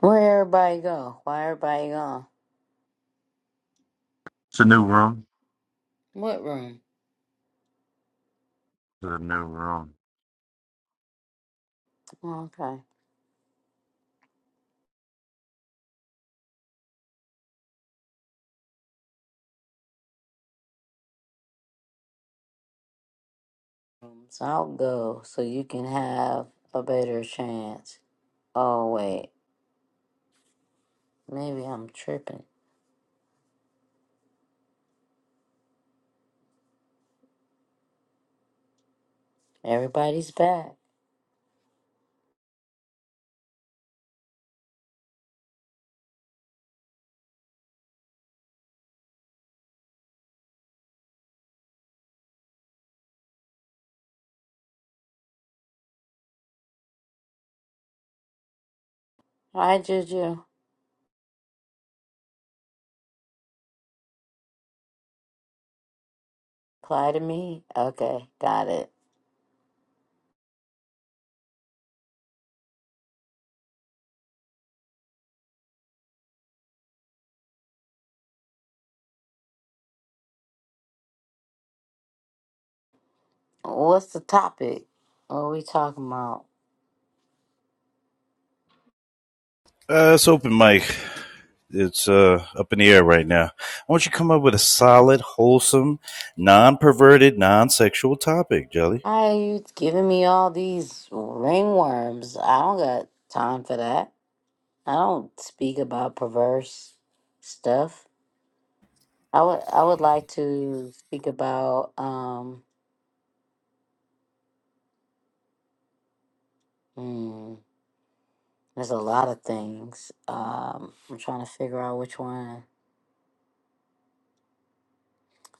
Where everybody go? Why everybody gone? What room? Okay. So I'll go so you can have a better chance. Oh wait, maybe I'm tripping. Everybody's back. Hi Juju. Apply to me. Okay, got it. What's the topic? What are we talking about? Uh, it's open mic. It's uh, up in the air right now. I want you to come up with a solid, wholesome, non-perverted, non-sexual topic, Jelly. Why are you giving me all these ringworms? I don't got time for that. I don't speak about perverse stuff. I would I would like to speak about um mm, there's a lot of things. Um I'm trying to figure out which one.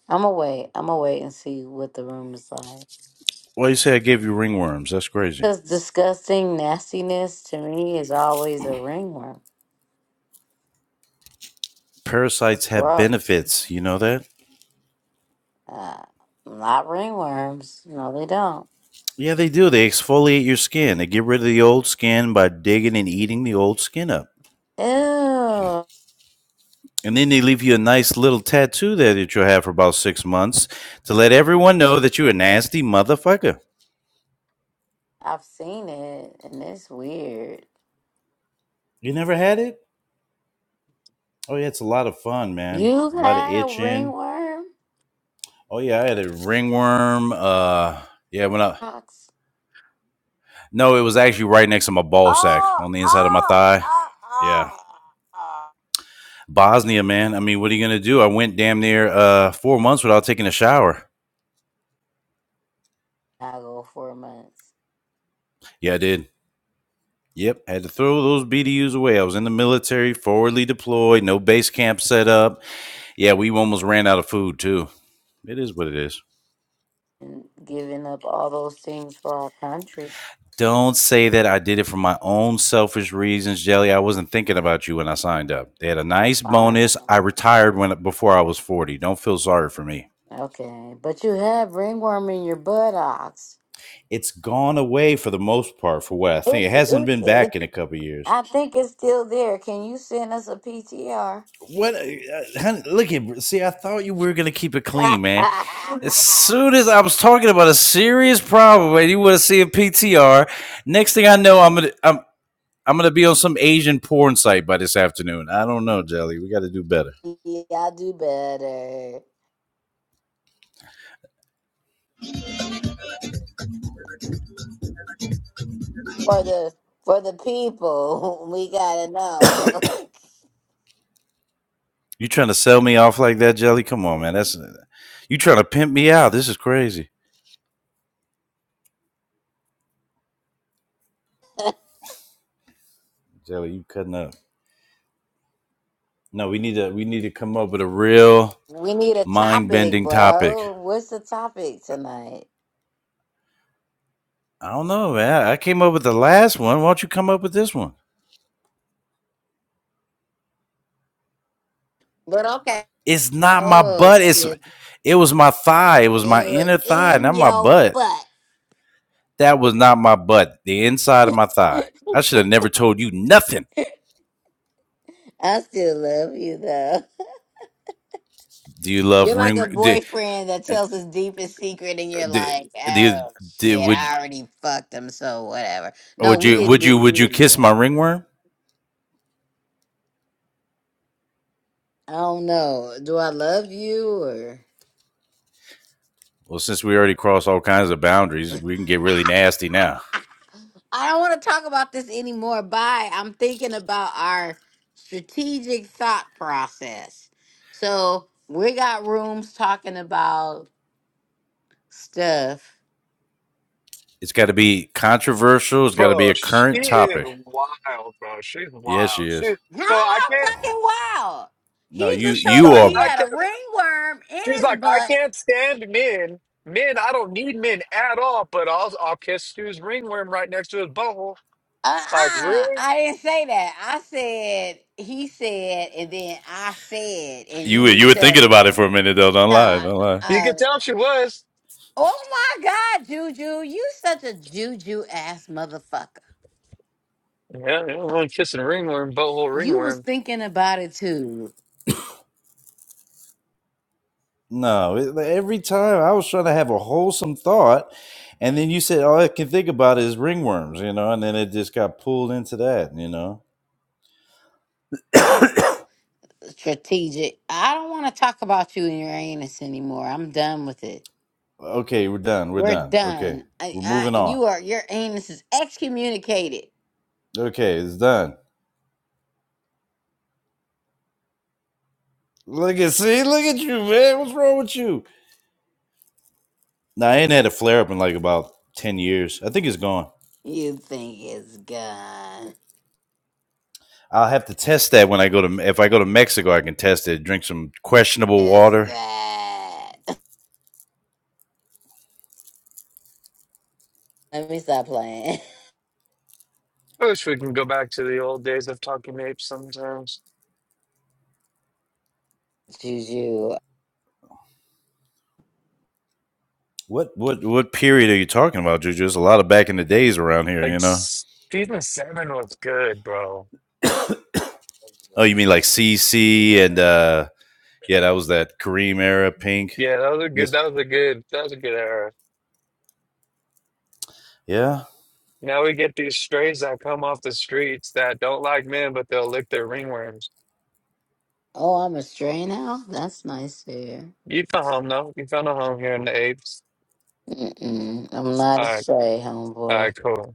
I'm gonna wait. I'm gonna wait and see what the room is like. Why you say I gave you ringworms? That's crazy. Cause disgusting nastiness to me is always a ringworm. Parasites It's have gross. benefits. You know that? Uh, not ringworms. No, they don't. Yeah, they do. They exfoliate your skin. They get rid of the old skin by digging and eating the old skin up. Ew. And then they leave you a nice little tattoo there that you'll have for about six months to let everyone know that you're a nasty motherfucker. I've seen it and it's weird. You never had it? Oh yeah, it's a lot of fun, man. You A lot of had a itching. ringworm? Oh yeah, I had a ringworm. Uh, yeah, when I no, it was actually right next to my ball sack Oh, on the inside of my oh, thigh. oh, Yeah, oh, oh. Bosnia, man. I mean, what are you gonna do? I went damn near uh four months without taking a shower. I go four months Yeah, I did. Yep, had to throw those BDUs away. I was in the military, forwardly deployed, no base camp set up. Yeah, we almost ran out of food too. It is what it is. and giving up all those things for our country. Don't say that I did it for my own selfish reasons, Jelly. I wasn't thinking about you when I signed up. They had a nice Fine. bonus. I retired when before I was 40. Don't feel sorry for me. Okay, but you have ringworm in your buttocks. It's gone away for the most part for what I It, think. It hasn't it, been it, back in a couple of years. I think it's still there. Can you send us a PTR? What? uh, honey, look at see. I thought you were gonna keep it clean, man. As soon as I was talking about a serious problem, and you want to see a PTR, next thing I know, I'm gonna I'm I'm gonna be on some Asian porn site by this afternoon. I don't know, Jelly. We got to do better. yeah, I'll do better for the for the people. We gotta know. You trying to sell me off like that, Jelly? Come on, man. That's you trying to pimp me out. This is crazy, Jelly. You cutting up? No, we need to we need to come up with a real We need a mind topic, bending topic. bro. What's the topic tonight? I don't know, man. I came up with the last one. Why don't you come up with this one? But okay. It's not my Oh butt. It's shit. it was my thigh. It It was my was inner thigh, in not my your butt. butt. That was not my butt. The inside of my thigh. I should have never told you nothing. I still love you though. Do you love You're like ring? a Do, boyfriend that uh, tells his deepest secret and you're do, like, do, oh do shit, would I already fucked him, so whatever. No, Would we you didn't would do you we would you didn't do kiss that. my ringworm? I don't know. Do I love you or Well, since we already crossed all kinds of boundaries, we can get really nasty now. I don't want to talk about this anymore. Bye. I'm thinking about our strategic thought process. So we got rooms talking about stuff. It's got to be controversial. It's got to be Bro, a she current is topic. wild, bro. She's Yes, she wild. She is. No, so I I'm can't fucking wild. No, He you just she's you told like me he are I had can't a ringworm in she's his like I butt. can't stand men. Men, I don't need men at all, but I'll I'll kiss Stu's ringworm right next to his butthole. It's like, Uh-uh. really? I didn't say that. I said he said, and then I said, and you you were- you need were to. thinking about it for a minute though. Don't lie, Nah. don't lie. You Uh, could tell she was. oh my God, Juju, you such a Juju ass motherfucker. Yeah, yeah, I'm kissing ringworm, butthole You was ringworm. thinking about it too, No, it- like, every time I was trying to have a wholesome thought, and then you said all I can think about is ringworms, you know, and then it just got pulled into that, you know. strategic. I don't want to talk about you and your anus anymore. I'm done with it. Okay, we're done. We're We're done. Okay, done. I, we're I, moving on. you are your anus is excommunicated. Okay, it's done. Look at see, look at you, man. What's wrong with you? Now I ain't had a flare up in like about ten years. I think it's gone. You think it's gone? I'll have to test that when I go to if I go to Mexico. I can test it. Drink some questionable It's water. that. Let me stop playing. I wish we can go back to the old days of talking apes sometimes. Juju. What what what period are you talking about, Juju? There's a lot of back in the days around here, Like you know. s- season seven was good, bro. Oh, you mean like CC and uh yeah, that was that Kareem era, Pink, Yeah, that was a good. Miss. That was a good. That was a good error. Yeah, Now we get these strays that come off the streets that don't like men, but they'll lick their ringworms. Oh, I'm a stray now. That's nice there. You found home though. You found a home here in the apes. Mm-mm, I'm not a All right. stray, All homeboy. right. Cool.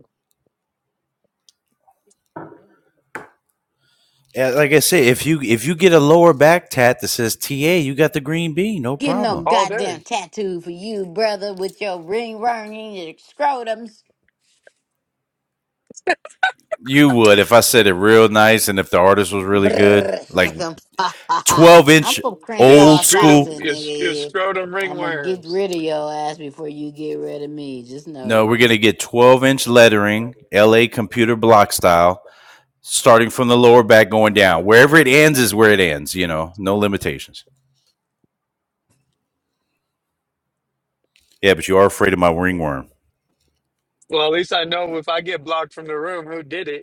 yeah. Like I say, if you if you get a lower back tat that says TA, you got the green bean, no Get no problem. All day. goddamn tattoo for you, brother, with your ring ring and your scrotums. You would if I said it real nice and if the artist was really good. Brrr, Like chicken. 12 I'm inch from You Crenshaw, old Saucy, school. screedum. You s- you nigga. scrotum I'm gonna get ringworms. rid of your ass before you get rid of me. Just know No, that. we're going to get 12 inch lettering, LA computer block style, starting from the lower back going down. Wherever it ends is where it ends, you know, no limitations. Yeah, but you are afraid of my ringworm. Well, at least I know if I get blocked from the room, who did it.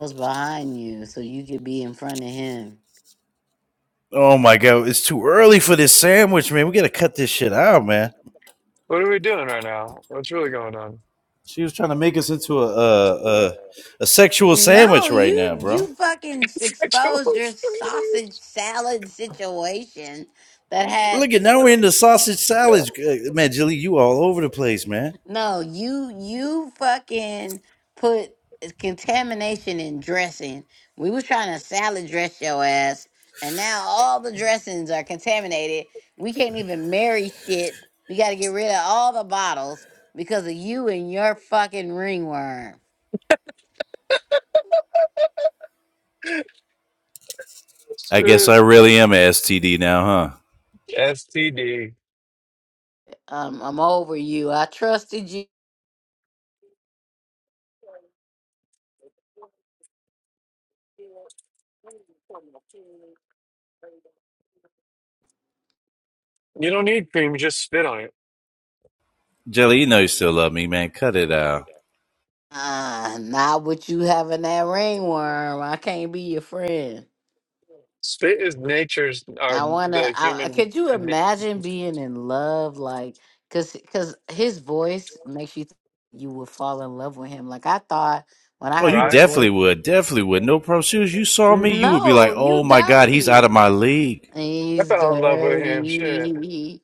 I was behind you, so you could be in front of him. Oh my God, it's too early for this sandwich, man. We got to cut this shit out, man. What are we doing right now? What's really going on? She was trying to make us into a, a, a, a sexual No, sandwich right now, you bro. you fucking Sexual exposed your sausage assault. salad situation that had Look at now we're into sausage salads. Uh, Man, Jelly, you all over the place, man. No, you you fucking put contamination in dressing. We was trying to salad dress your ass, and now all the dressings are contaminated. We can't even marry shit. We got to get rid of all the bottles because of you and your fucking ringworm. I guess I really am a STD now, huh? STD. Um, I'm over you. I trusted you. You don't need cream, just spit on it. Jelly, you know you still love me, man. Cut it out. Uh, not with you having that ringworm. I can't be your friend. Spit is nature's, or I wanna. the I, human. could you uh, imagine being in love, like, cause, cause his voice makes you think you would fall in love with him. Like I thought when I Oh, heard you his Right? voice. definitely would. Definitely would. No problem. As soon as you saw me, you would be like, No, you oh my God, he's out of dirty. my league. I He's fell in love with him. Shit. dirty.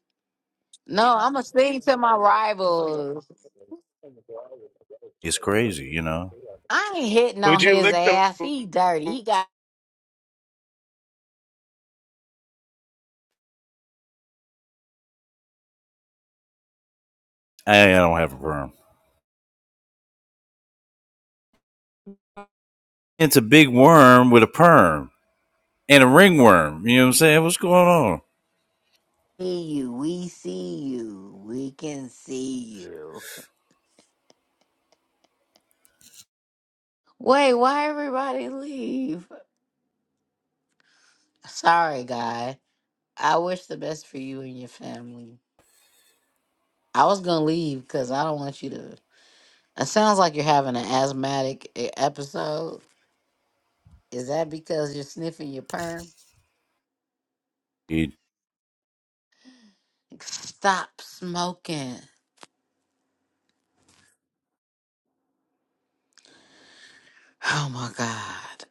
No, I'ma sing to my rivals. It's crazy, you know? I ain't hitting on Would you his lick the ass. He dirty. He got I, I don't have a perm. It's a big worm with a perm and a ringworm. You know what I'm saying? What's going on? see you. We see you. We can see you. Wait, why everybody leave? Sorry, guys. I wish the best for you and your family. I was gonna leave because I don't want you to. It sounds like you're having an asthmatic e- episode. Is that because you're sniffing your perm? You- Stop smoking. Oh my God.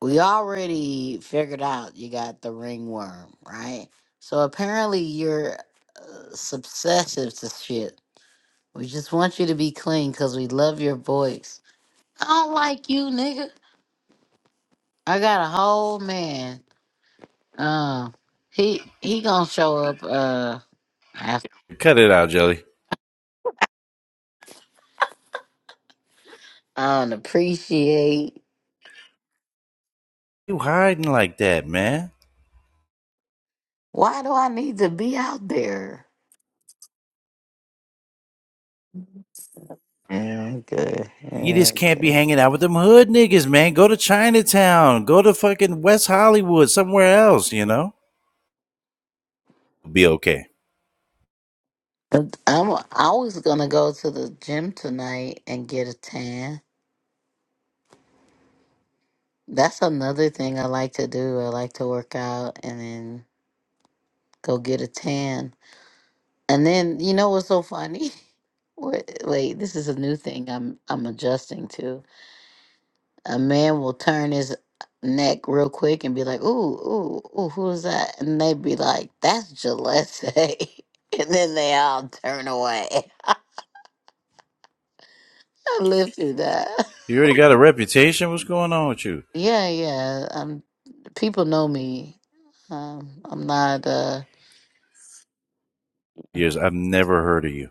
We already figured out you got the ringworm, right? So apparently you're uh, obsessive to shit. We just want you to be clean because we love your voice. I don't like you, nigga. I got a whole man. Uh, he he gonna show up. Uh, after Cut it out, Jelly. I don't appreciate. You hiding like that, man. Why do I need to be out there? Yeah, I'm good. Yeah, you just I'm can't be good. hanging out with them hood niggas, man. Go to Chinatown, go to fucking West Hollywood, somewhere else, you know? Be okay. But I'm. I was gonna go to the gym tonight and get a tan. That's another thing I like to do. I like to work out and then go get a tan. And then you know what's so funny? What? wait, this is a new thing I'm I'm adjusting to. A man will turn his neck real quick and be like, ooh, ooh, ooh, who's that? And they'd be like, that's Gillespie. and then they all turn away. I lived through that. You already got a reputation. What's going on with you? Yeah, yeah. Um, people know me. Um, I'm not, uh, Years, I've never heard of you.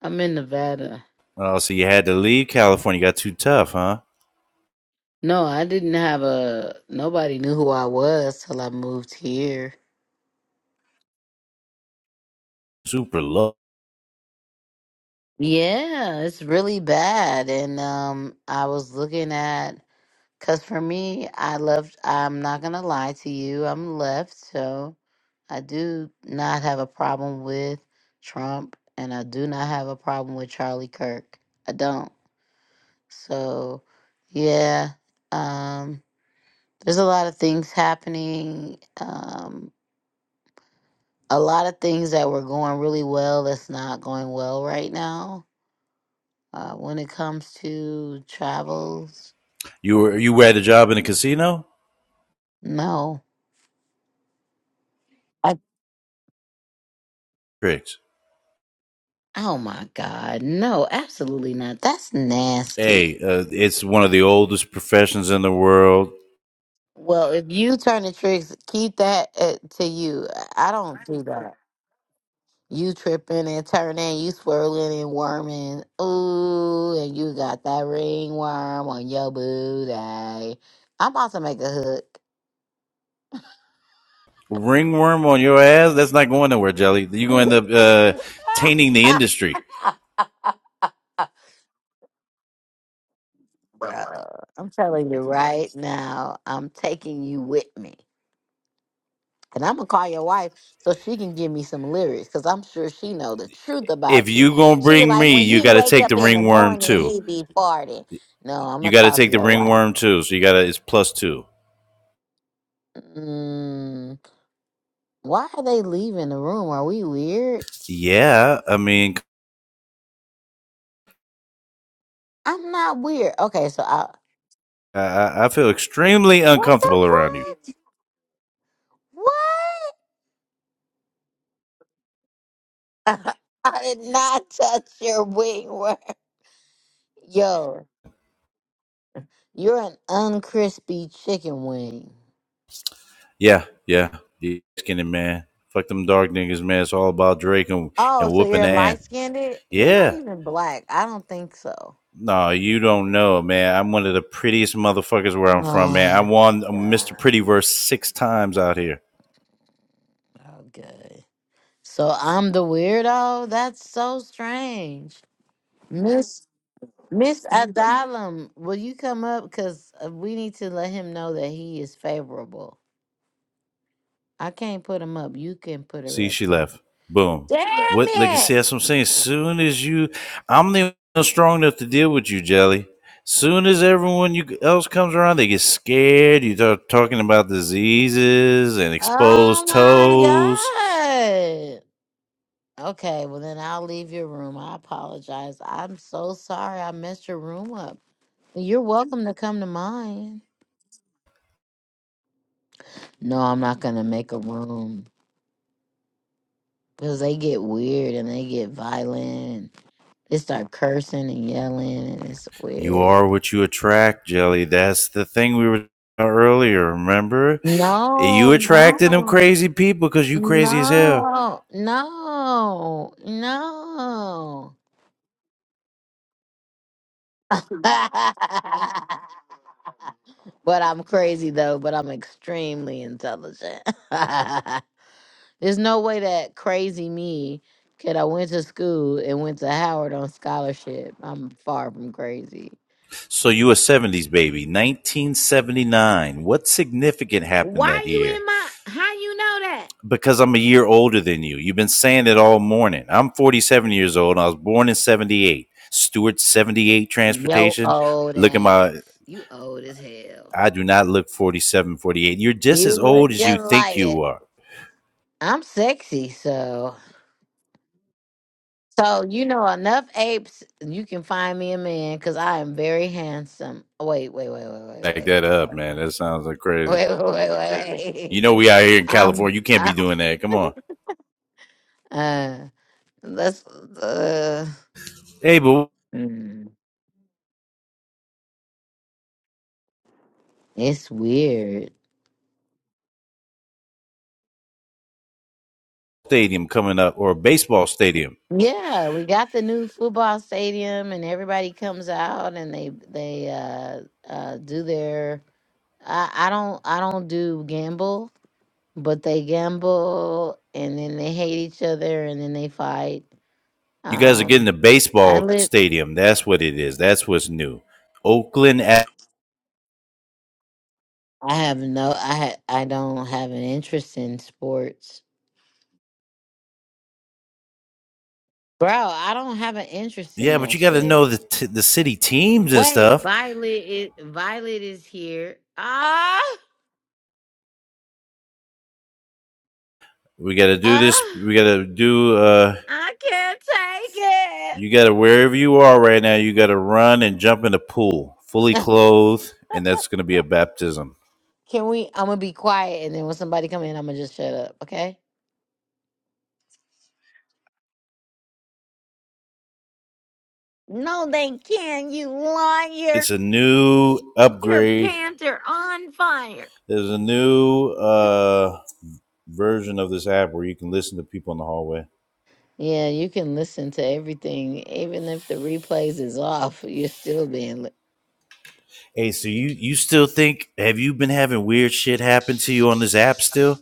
I'm in Nevada. Oh, so you had to leave California. You got too tough, huh? No, I didn't have a, nobody knew who I was till I moved here. Super low. Yeah, it's really bad. And um I was looking at Cause for me, I left. I'm not gonna lie to you. I'm left, so I do not have a problem with Trump, and I do not have a problem with Charlie Kirk. I don't. So, yeah. Um, there's a lot of things happening. Um, a lot of things that were going really well that's not going well right now. Uh, when it comes to travels, You were you had a job in a casino? no. Tricks. Oh my God. No, absolutely not. That's nasty. Hey, uh, it's one of the oldest professions in the world. Well, if you turn the tricks, keep that uh, to you. I don't do that. You tripping and turning, you swirling and worming. Ooh, and you got that ringworm on your booty. I'm about to make a hook. Ringworm on your ass? That's not going nowhere, Jelly. You're going to end up uh, tainting the industry. Bro, I'm telling you right now, I'm taking you with me. And I'm gonna call your wife so she can give me some lyrics, cause I'm sure she know the truth if about you. you gonna She be bring like, me, when you he got to wake take the up in the ringworm morning, too. he be farting. No, I'm You gonna got to talk to take the your wife. ringworm too. So you got to it's plus two. Mm, why are they leaving the room? Are we weird? Yeah, I mean, I'm not weird. Okay, so I. I- I, feel extremely What the uncomfortable around you. fuck? What? I did not touch your wing. Yo, you're an uncrispy chicken wing. Yeah, yeah, yeah, skinny man. Fuck them dark niggas, man. It's all about Drake and Oh, and so whooping you're the ass. light skinned? You're not Yeah. even black. I don't think so. No, you don't know, man. I'm one of the prettiest motherfuckers where I'm from, man. Oh, I won God. Mr. Pretty Verse six times out Okay, here. So I'm the weirdo? That's so strange. Miss Miss Adalum, will you come up? Because we need to let him know that he is favorable. I can't put him up. You can put her See, up, she though. left. Boom. Damn What? Like I it. said, that's what I'm saying. Soon as you, I'm the one strong enough to deal with you, Jelly. Soon as everyone you else comes around, they get scared. You start talking about diseases and Oh, exposed my toes. God. Okay, well then I'll leave your room. I apologize. I'm so sorry I messed your room up. You're welcome to come to mine. No, I'm not gonna make a room because they get weird and they get violent. They start cursing and yelling and it's You weird. are what you attract, Jelly. That's the thing we were earlier. Remember, No, you no, attracted them crazy people because you crazy as hell. no, no, no. but I'm crazy though, but I'm extremely intelligent. There's no way that crazy me could I went to school and went to Howard on scholarship. I'm far from crazy. So you a '70s baby, 1979. What significant happened that Why you year? in my? How you know that? because I'm a year older than you. You've been saying it all morning. I'm 47 years old. I was born in 78. Stewart 78 Yo transportation. old Look at ass. my You old as hell. I do not look 47, 48. You're just You as look old as you just think like it. you are. I'm sexy, so So you know enough apes, you can find me a man because I am very handsome. Wait, wait, wait, wait, wait, Back that up, wait, man. That sounds like crazy. wait, wait, wait, wait. You know we out here in I'm, California. You can't be I'm doing that. Come on. uh, let's uh, Hey, but mm, it's weird. stadium coming up or a baseball stadium. Yeah, we got the new football stadium, and everybody comes out and they they uh uh do their. I I don't I don't do gamble, but they gamble, and then they hate each other, and then they fight You guys are getting a Um, I baseball live. stadium. That's what it is. That's what's new. Oakland at I have no. I ha, I don't have an interest in sports, bro. I don't have an interest in yeah, but that you got to know shit. the t- the city teams and Wait, stuff. Violet is Violet is here. Ah, We got to do this. ah, We got to do. Uh, I can't you take got to wherever you are right now. You got to run and jump in the pool, fully it. clothed, and that's going to be a baptism. Can we? I'm gonna be quiet, and then when somebody come in, I'm gonna just shut up. Okay? No, they can. You liar. It's a new Your upgrade. pants are on fire. There's a new uh, version of this app where you can listen to people in the hallway. Yeah, you can listen to everything, even if the replays is off, you're still being. Li- Hey, so you you still think? Have you been having weird shit happen to you on this app still?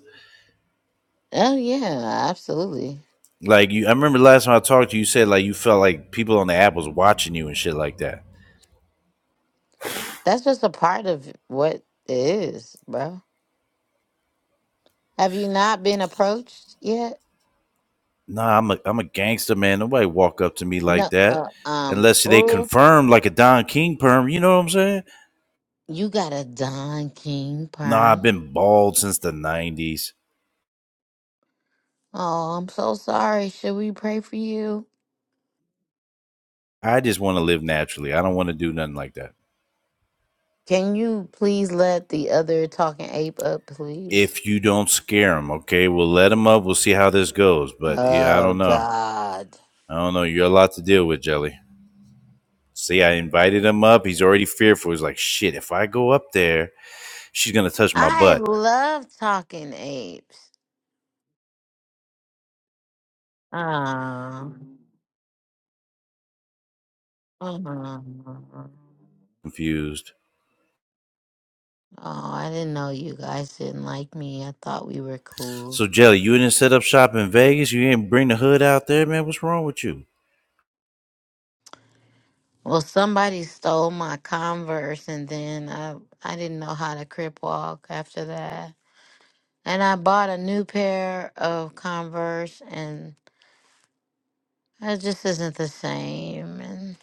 oh yeah, absolutely. Like you, I remember last time I talked to you, you said like you felt like people on the app was watching you and shit like that. That's just a part of what it is, bro. Have you not been approached yet? Nah, I'm a I'm a gangster, man. Nobody walk up to me like No. that Uh, um. unless they Oh, confirm like a Don King perm. You know what I'm saying? you got a Don King Nah, I've perm. been bald since the '90s. Oh, I'm so sorry. Should we pray for you? I just want to live naturally. I don't want to do nothing like that. Can you please let the other talking ape up, please? If you don't scare them, okay, we'll let them up. We'll see how this goes. But yeah, I Oh don't know. God, I don't know. You're a lot to deal with, Jelly. See, I invited him up. He's already fearful. He's like, shit, if I go up there, she's going to touch my I butt. love talking apes. Oh, oh, oh, Confused. I didn't know you guys didn't like me. I thought we were cool. So Jelly, you didn't set up shop in Vegas. You didn't bring the hood out there, man. What's wrong with you? Well, somebody stole my Converse, and then I I didn't know how to crip walk after that. And I bought a new pair of Converse, and it just isn't the same. And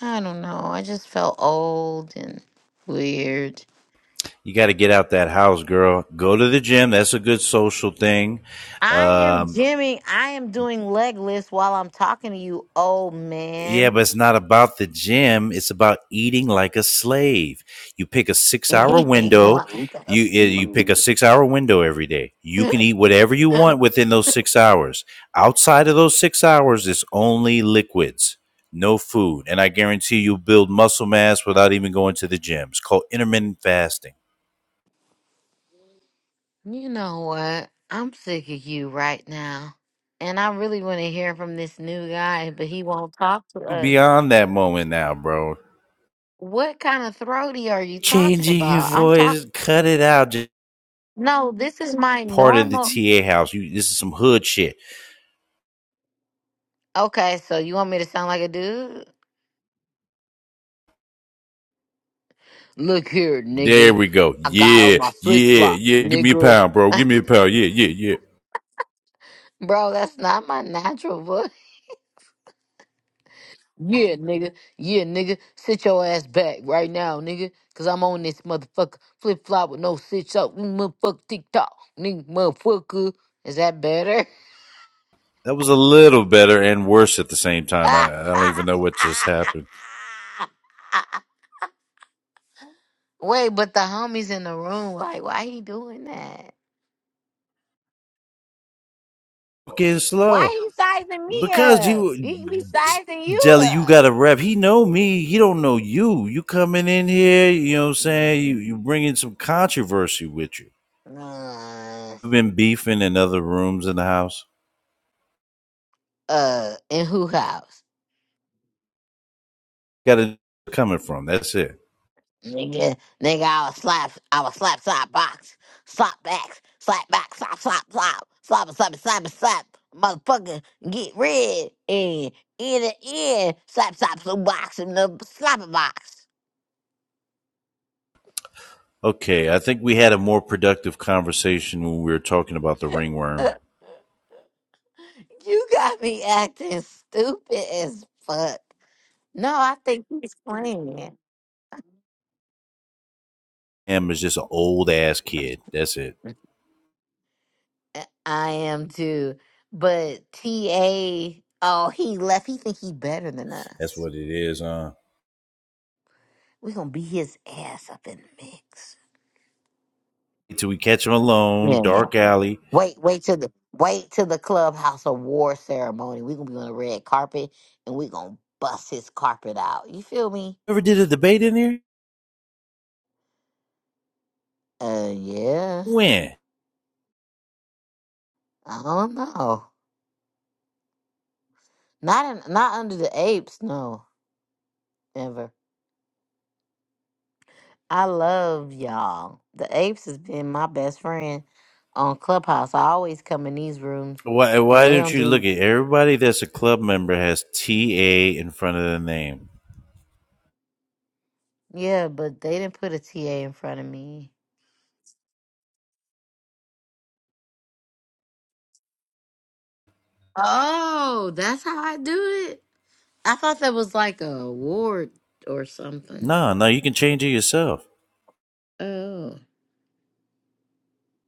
I don't know. I just felt old and weird. You got to get out that house, girl. Go to the gym. That's a good social thing. I am Um, Jimmy. I am doing leg lifts while I'm talking to you, old Yeah, but man. it's not about the gym. It's about eating like a slave. You pick a six-hour anything window. like You us. eh, you pick a six-hour window every day. You can eat whatever you want within those six hours. Outside of those six hours, it's only liquids, no food, and I guarantee you build muscle mass without even going to the gym. It's called intermittent fasting. You know what? I'm sick of you right now. And I really want to hear from this new guy, but he won't talk to You're us. beyond that moment now, bro. What kind of throaty are you talking Changing your about? I'm talking. voice, cut it out. Just No, this is my part of the normal. TA house. You, this is some hood shit. Okay, so you want me to sound like a dude? Look here, There nigga. we go. I got on Yeah, my flip yeah, flops, yeah. Give me a nigga. pound, bro. Give me a pound. Yeah, yeah, yeah. Bro, that's not my natural voice. Yeah, nigga. Yeah, nigga. Sit your ass back right now, nigga. Cause I'm on this motherfucker. Flip flop with no sit up. Mm, Motherfucker TikTok. Nigga, motherfucker. Is that better? That was a little better and worse at the same time. I, I don't even know what just happened. Wait, but the homies in the room, like, why he doing that? Fucking Why slow. he sizing me Because up? you, He be sizing you Jelly, you up. got a rep. He know me. He don't know you. You coming in here, you know what I'm saying? You, you Mm. bringing some controversy with you. Uh, You've been beefing in other rooms in the house. uh, in who house? Got to coming from. That's it. Nigga, nigga, I was slap, I was slap, slap, box, slap back, slap back, slap, slap, slap, slap, slap, slap, slap, motherfucker, get rid, and in the end, slap, slap, slap, box, and the slapper box. Okay, I think we had a more productive conversation when we were talking about the ringworm you got me acting stupid as fuck. No, I think he's playing. him is just an old ass kid. That's it. Uh, I am too, but TA, oh, he left. He think he better than That's us. what it is, huh? We're gonna be his ass up in the mix. Until we catch him alone, Yeah, yeah. dark alley. Wait, wait till the wait till the clubhouse award ceremony. We're gonna be on the red carpet and we're gonna bust his carpet out. You feel me? Ever did a debate in there? Uh yeah. When? I don't know. Not in, not under the apes, no. Never. I love y'all. The apes has been my best friend on Clubhouse. I always come in these rooms Why? and Why they don't don't you look do at everybody that's a club member has TA in front of the name? yeah, but they didn't put a TA in front of me. Oh, that's how I do it. I thought that was like a award or something. No, no, you can change it yourself. Oh,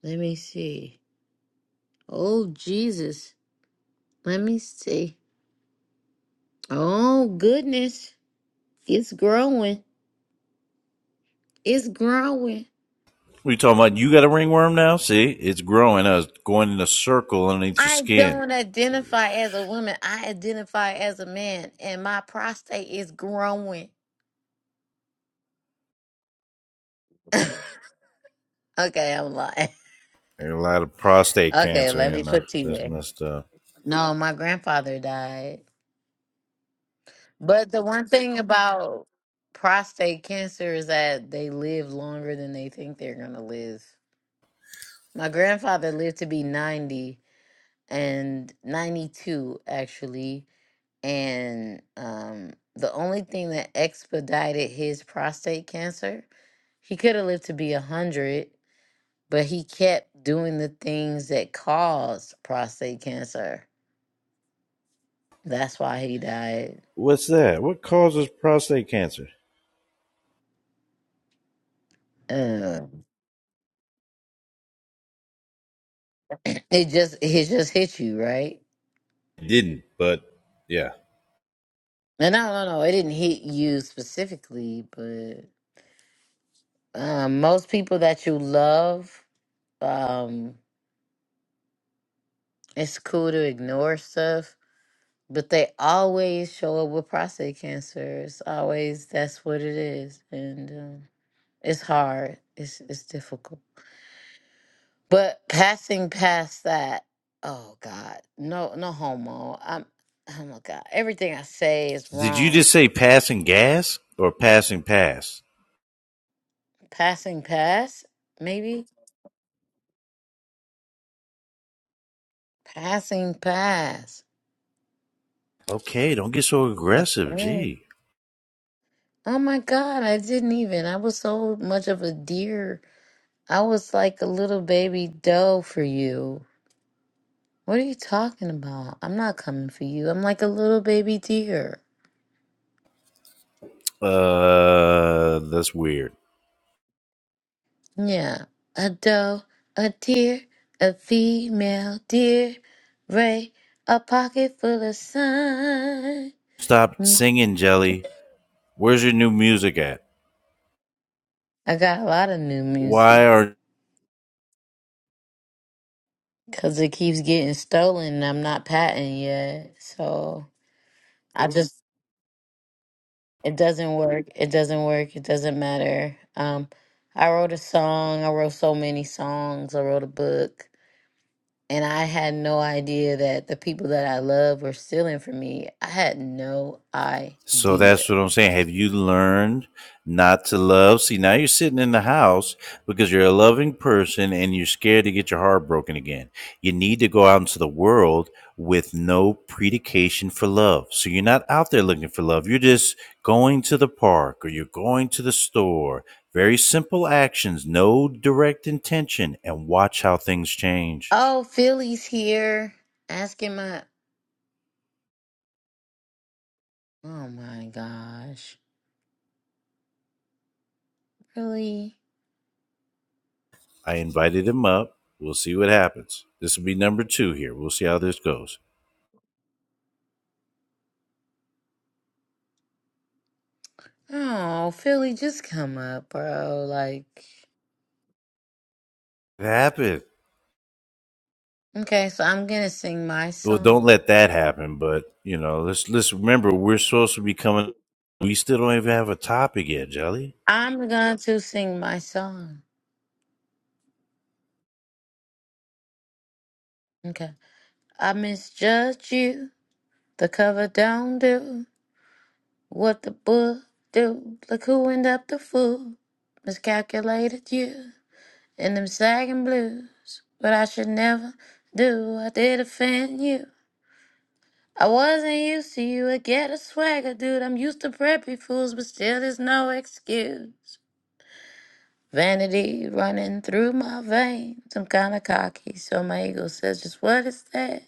let me see. Oh, Jesus. Let me see. Oh, goodness. It's growing. It's growing. What are you talking about you got a ringworm now? See, it's growing. Uh, it's going in a circle underneath your I skin. don't identify as a woman. I identify as a man, and my prostate is growing. okay, I'm lying. There's a lot of prostate Okay, cancer let me in there. put you That's there. messed up. No, my grandfather died. But the one thing about prostate cancer is that they live longer than they think they're going to live. My grandfather lived to be 90 and 92, actually. And um, the only thing that expedited his prostate cancer, he could have lived to be 100, but he kept doing the things that caused prostate cancer. That's why he died. What's that? What causes prostate cancer? Uh, it just it just hit you, right? It Didn't, but yeah. No, no, no, no. It didn't hit you specifically, but um, most people that you love, um, it's cool to ignore stuff, but they always show up with prostate cancer. It's always that's what it is, and um, it's hard. It's it's difficult. But passing past that, oh God, no, no homo. I'm, oh my God, everything I say is Did you wrong. just say passing gas or passing pass? Passing past, maybe passing past. Okay, don't get so That's aggressive. bad. Gee. Oh my God, I didn't even. I was so much of a deer. I was like a little baby doe for you. What are you talking about? I'm not coming for you. I'm like a little baby deer. Uh, that's weird. Yeah, a doe, a deer, a female deer, Ray, a pocket full of sun. Stop Mm, singing, Jelly. Where's your new music at? I got a lot of new Why music are because it keeps getting stolen and I'm not patented yet. So I just It doesn't work. It doesn't work. It doesn't matter. Um, I wrote a song. I wrote so many songs. I wrote a book. And I had no idea that the people that I love were stealing from me. I had no So that's idea. what I'm saying. Have you learned not to love? See, now you're sitting in the house because you're a loving person and you're scared to get your heart broken again. You need to go out into the world with no predication for love. So you're not out there looking for love. You're just going to the park or you're going to the store. Very simple actions, no direct intention, and watch how things change. Oh, Philly's here asking my. Oh my gosh. Really? I invited him up. We'll see what happens. This will be number two here. We'll see how this goes. Oh, Philly, just come up, bro. Like, It happened. okay, so I'm gonna sing my well, don't song. let that happen. But you know, let's let's remember we're supposed to be coming. We still don't even have a topic yet, Jelly. I'm going to sing my song. Okay. I misjudge you. The cover don't do what the book do. Look who end up the fool. Miscalculated you in them sagging blues. But I should never do. I did offend you. I wasn't used to you. I get a swagger, dude. I'm used to preppy fools, but still there's no excuse. Vanity running through my veins. I'm kinda cocky, so my ego says just what is that?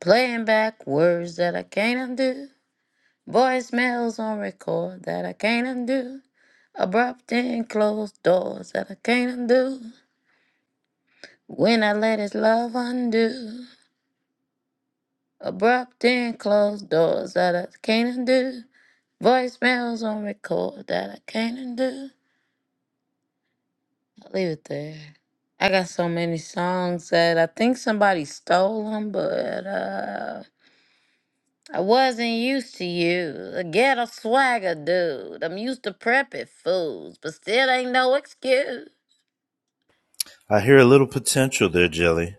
Playing back words that I can't undo. Voicemails on record that I can't undo. Abrupt and closed doors that I can't undo. When I let his love undo. Abrupt and closed doors that I can't undo. Voicemails on record that I can't undo. I'll leave it there. I got so many songs that I think somebody stole them, but uh, I wasn't used to you. A ghetto swagger, dude. I'm used to preppy fools, but still ain't no excuse. I hear a little potential there, Jelly.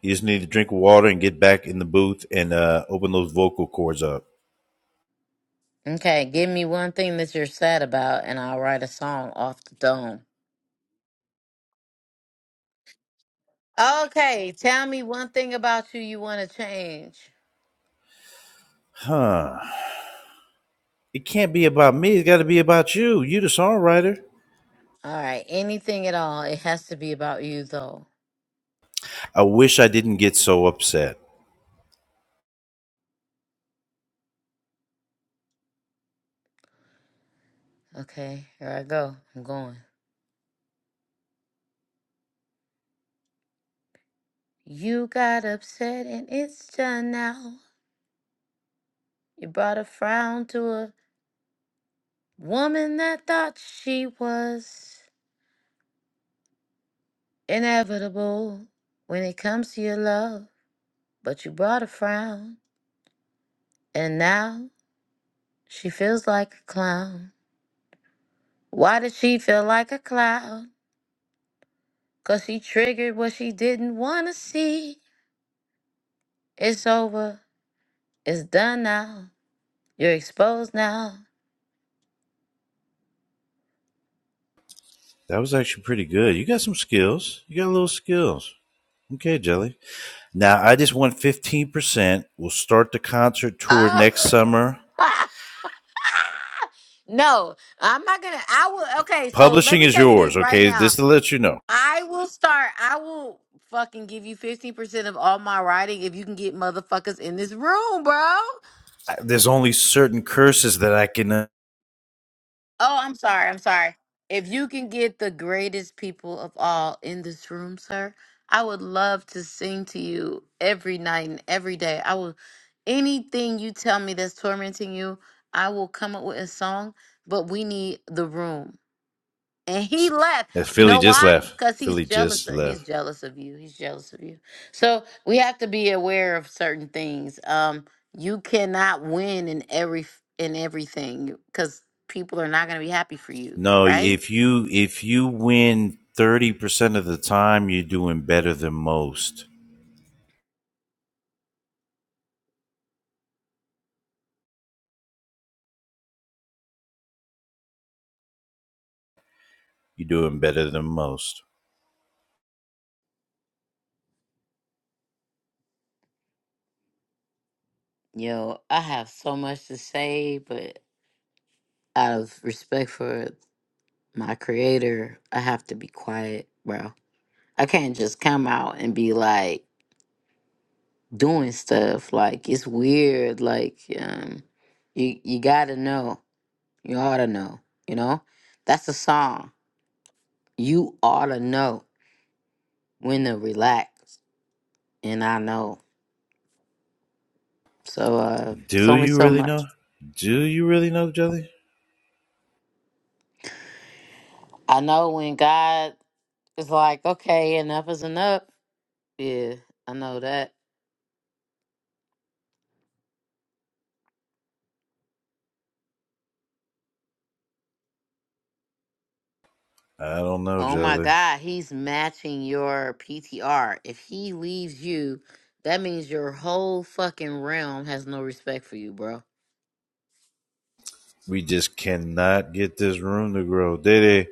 You just need to drink water and get back in the booth and uh, open those vocal cords up. Okay, give me one thing that you're sad about, and I'll write a song off the dome. Okay, tell me one thing about you you want to change. Huh. It can't be about me. It's got to be about you. You, the songwriter. All right, anything at all. It has to be about you, though. I wish I didn't get so upset. Okay, here I go. I'm going. You got upset, and it's done now. You brought a frown to a woman that thought she was inevitable when it comes to your love, but you brought a frown, and now she feels like a clown. Why does she feel like a cloud? Cause she triggered what she didn't wanna see. It's over. It's done now. You're exposed now. That was actually pretty good. You got some skills. You got a little skills. Okay, Jelly. Now, I just want 15%. We'll start the concert tour next Oh summer. no, I'm not gonna I will okay, so let Publishing me is tell you yours, this right okay? now. Just to let you know, I will start I will fucking give you 50% of all my writing if you can get motherfuckers in this room, bro. there's only certain curses that I can. Uh, Oh, I'm sorry. I'm sorry. If you can get the greatest people of all in this room, sir, I would love to sing to you every night and every day. I will anything you tell me that's tormenting you, I will come up with a song, but we need the room and he left. uh, You Philly know just why? left. Because he's Philly jealous. just Of, he's left. jealous of you. He's jealous of you. So we have to be aware of certain things. Um, you cannot win in every in everything because people are not going to be happy for you, No, right? if you if you win thirty percent of the time, you're doing better than most. You're doing better than most. Yo, I have so much to say, but out of respect for my creator, I have to be quiet, bro. I can't just come out and be like. doing stuff. Like it's weird. Like um, you you gotta know. You oughta know. You know, that's a song. You oughta know when to relax, and I know. So uh, it's Do only you so really much. know? Do you really know, Jelly? I know when God is like, okay, enough is enough. Yeah, I know that. I don't know, Oh my Jelly. God, he's matching your PTR. If he leaves you, that means your whole fucking realm has no respect for you, bro. We just cannot get this room to grow. Dede,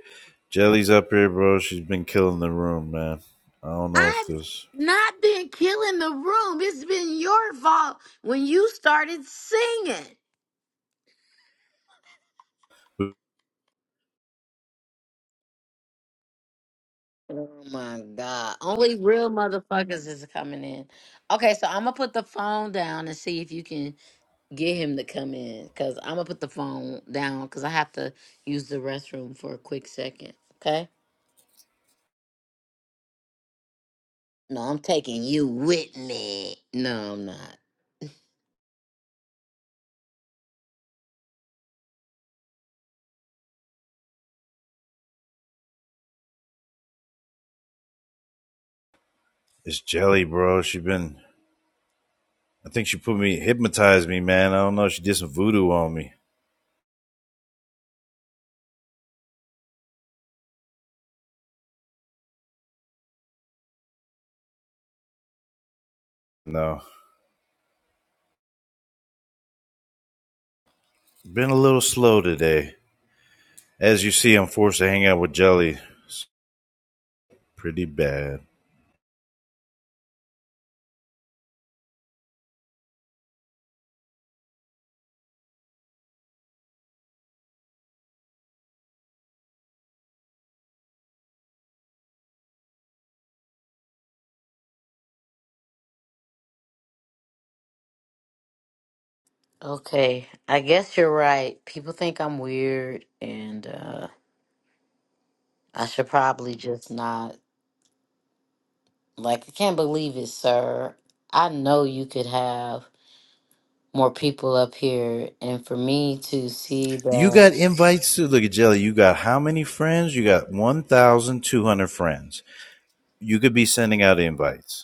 Jelly's up here, bro. She's been killing the room, man. I don't know if I've this. not been killing the room. It's been your fault when you started singing. Oh my God. Only real motherfuckers is coming in. Okay, so I'm going to put the phone down and see if you can get him to come in because I'm going to put the phone down because I have to use the restroom for a quick second. Okay? No, I'm taking you with me. No, I'm not. It's Jelly, bro. She been. I think she put me hypnotized me, man. I don't know. She did some voodoo on me. No, been a little slow today. As you see, I'm forced to hang out with Jelly pretty bad. Okay, I guess you're right. People think I'm weird and, uh, I should probably just not. Like, I can't believe it, sir. I know you could have more people up here. And for me to see You the, got invites to look at Jelly. You got how many friends? You got 1,200 friends. You could be sending out invites.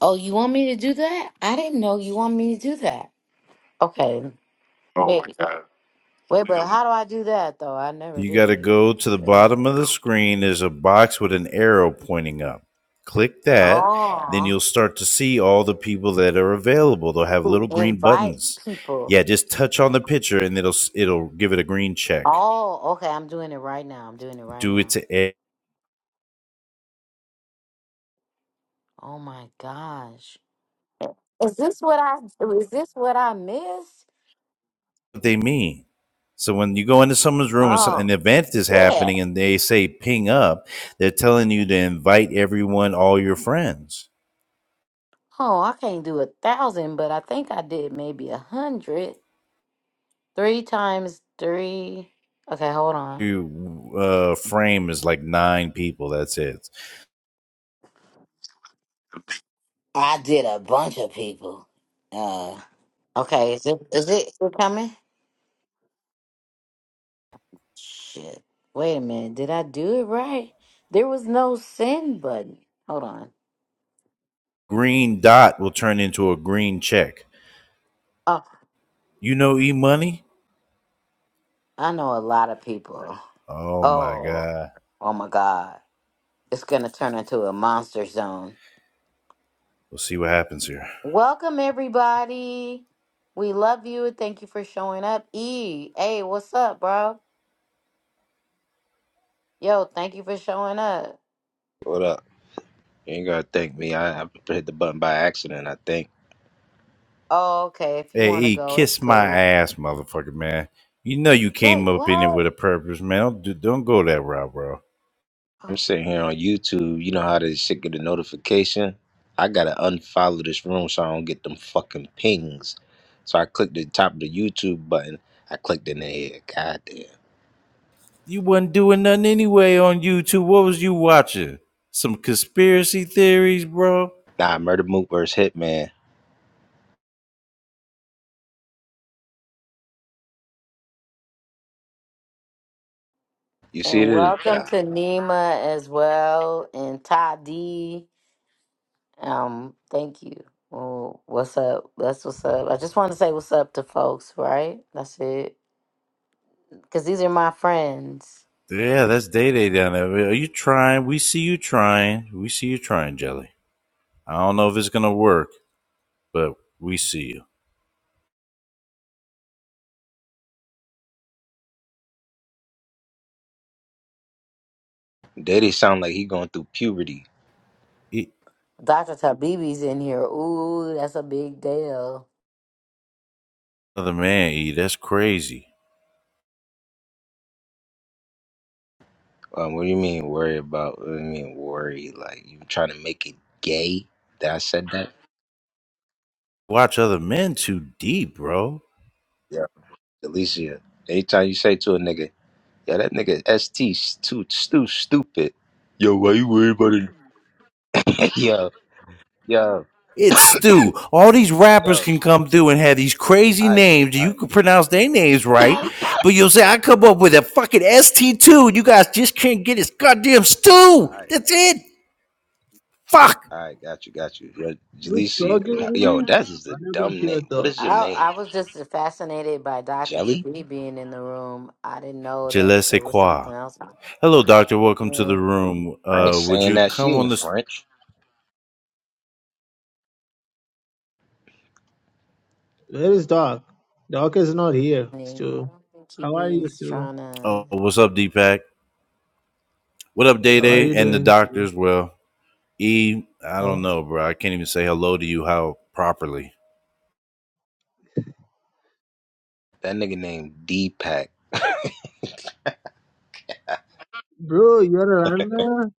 oh, you want me to do that? I didn't know you want me to do that. Okay. Oh Wait, my God. wait, but how do I do that, though? I never You did got to it. go to the Uh, bottom of the screen. There's a box with an arrow pointing up. Click that. Then Oh, you'll start to see all the people that are available. They'll have little green invite buttons. people. Yeah, just touch on the picture and it'll it'll give it a green check. Oh, okay. I'm doing it right now. I'm doing it right Do it now. to e- Oh my gosh. Is this what I is this what I missed? what they mean. So when you go into someone's room and so- Oh an event is shit. happening and they say ping up, they're telling you to invite everyone, all your friends. Oh, I can't do a thousand, but I think I did maybe a hundred. Three times three. Okay, hold on. You uh, frame is like nine people. That's it. I did a bunch of people. Uh, okay, is it is it, is it coming? Shit. Wait a minute. Did I do it right? There was no send button. Hold on. green dot will turn into a green check. Oh, You know E Money? I know a lot of people. Oh my Oh, God. oh my God. It's gonna turn into a monster zone. We'll see what happens here. Welcome, everybody. We love you. Thank you for showing up. E, hey, what's up, bro? Yo, thank you for showing up. What up? You ain't gotta thank me. I, I hit the button by accident, I think. Oh, okay. If you Hey want to E, go, it's kiss my cool. ass, motherfucker, man. You know you came Wait, up in it with what? a purpose, man. Don't, do, don't go that route, bro. I'm Oh, sitting here on YouTube. You know how this shit get a notification? I gotta unfollow this room so I don't get them fucking pings. So I clicked the top of the YouTube button. I clicked in there. Goddamn. You wasn't doing nothing anyway on YouTube. What was you watching? Some conspiracy theories, bro? Nah, Murder Mook versus Hitman. You see And this welcome guy? to Nima as well and Tadi. Um, thank you. Oh, what's up? That's what's up. I just want to say what's up to folks, right? That's it. Because these are my friends. Yeah, that's Day Day down there. Are you trying? We see you trying. We see you trying, Jelly. I don't know if it's gonna work, but we see you. Daddy sound like he going through puberty. E- Dr. Tabibi's in here. Ooh, that's a big deal. Other man, E, that's crazy. Um, what do you mean worry about? What do you mean worry? Like you trying to make it gay that I said that? Watch other men too deep, bro. Yeah. Alicia, anytime you say to a nigga, Yeah, that nigga ST stu stu stupid. Yo, why you worried about it? yo, yo, It's Stu. All these rappers yo. can come through and have these All crazy right, names. all You right, can pronounce their names right, all but you'll say I come up with a fucking ST2. You guys just can't get this goddamn Stu. right, That's it. Fuck. all right. Got you, got you. Yo, You Jaleesi. choking Yo, me? that is a What happened dumb to your name. What dog? is your I name? I was just fascinated by Dr. Jelly? Tabi being in the room. I didn't know Je that ne sais there was quoi. something else Hello, doctor. Welcome to the happening. room. I ain't Uh, would saying you that. She come on ain't this? French. Where is dog? Dog is not here, I Stu. don't think How are you, he's Stu? trying to. Oh, what's up, Deepak? What up, Day How are Day you and the doing, Stu? doctors? Well, E, I don't Oh, know, bro. I can't even say hello to you how properly. That nigga named Deepak. bro, you're a runner.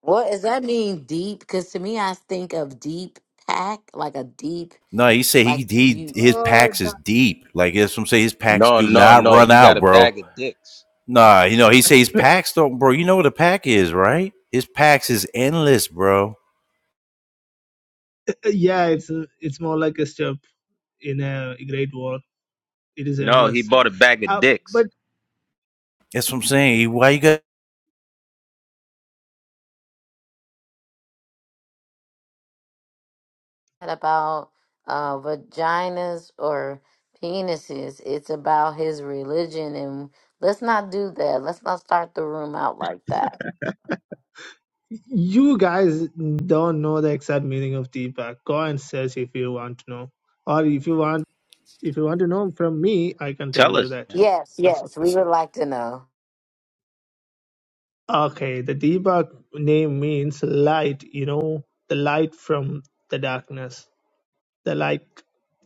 What does that mean, deep? Because to me, I think of deep pack, like a deep, No, he said he like he you his Oh, packs is deep. Like that's what I'm saying. His packs No, do no, not no. run He got out, a bro. bag of dicks. Nah, you know, he says his that. packs don't bro. You know what a pack is, right? His packs is endless, bro. yeah, it's it's more like a step in a great war. It is No, he endless. bought a bag of Uh, dicks. but That's what I'm saying. Why you got said about uh, vaginas or penises. It's about his religion. And let's not do that. Let's not start the room out like that. you guys don't know the exact meaning of Deepak. Go and search if you want to know, or if you want if you want to know from me, I can tell Tell you us. that. man. Yes, Also. yes, we would like to know. Okay, the Deepak name means light, you know, the light from the darkness, the light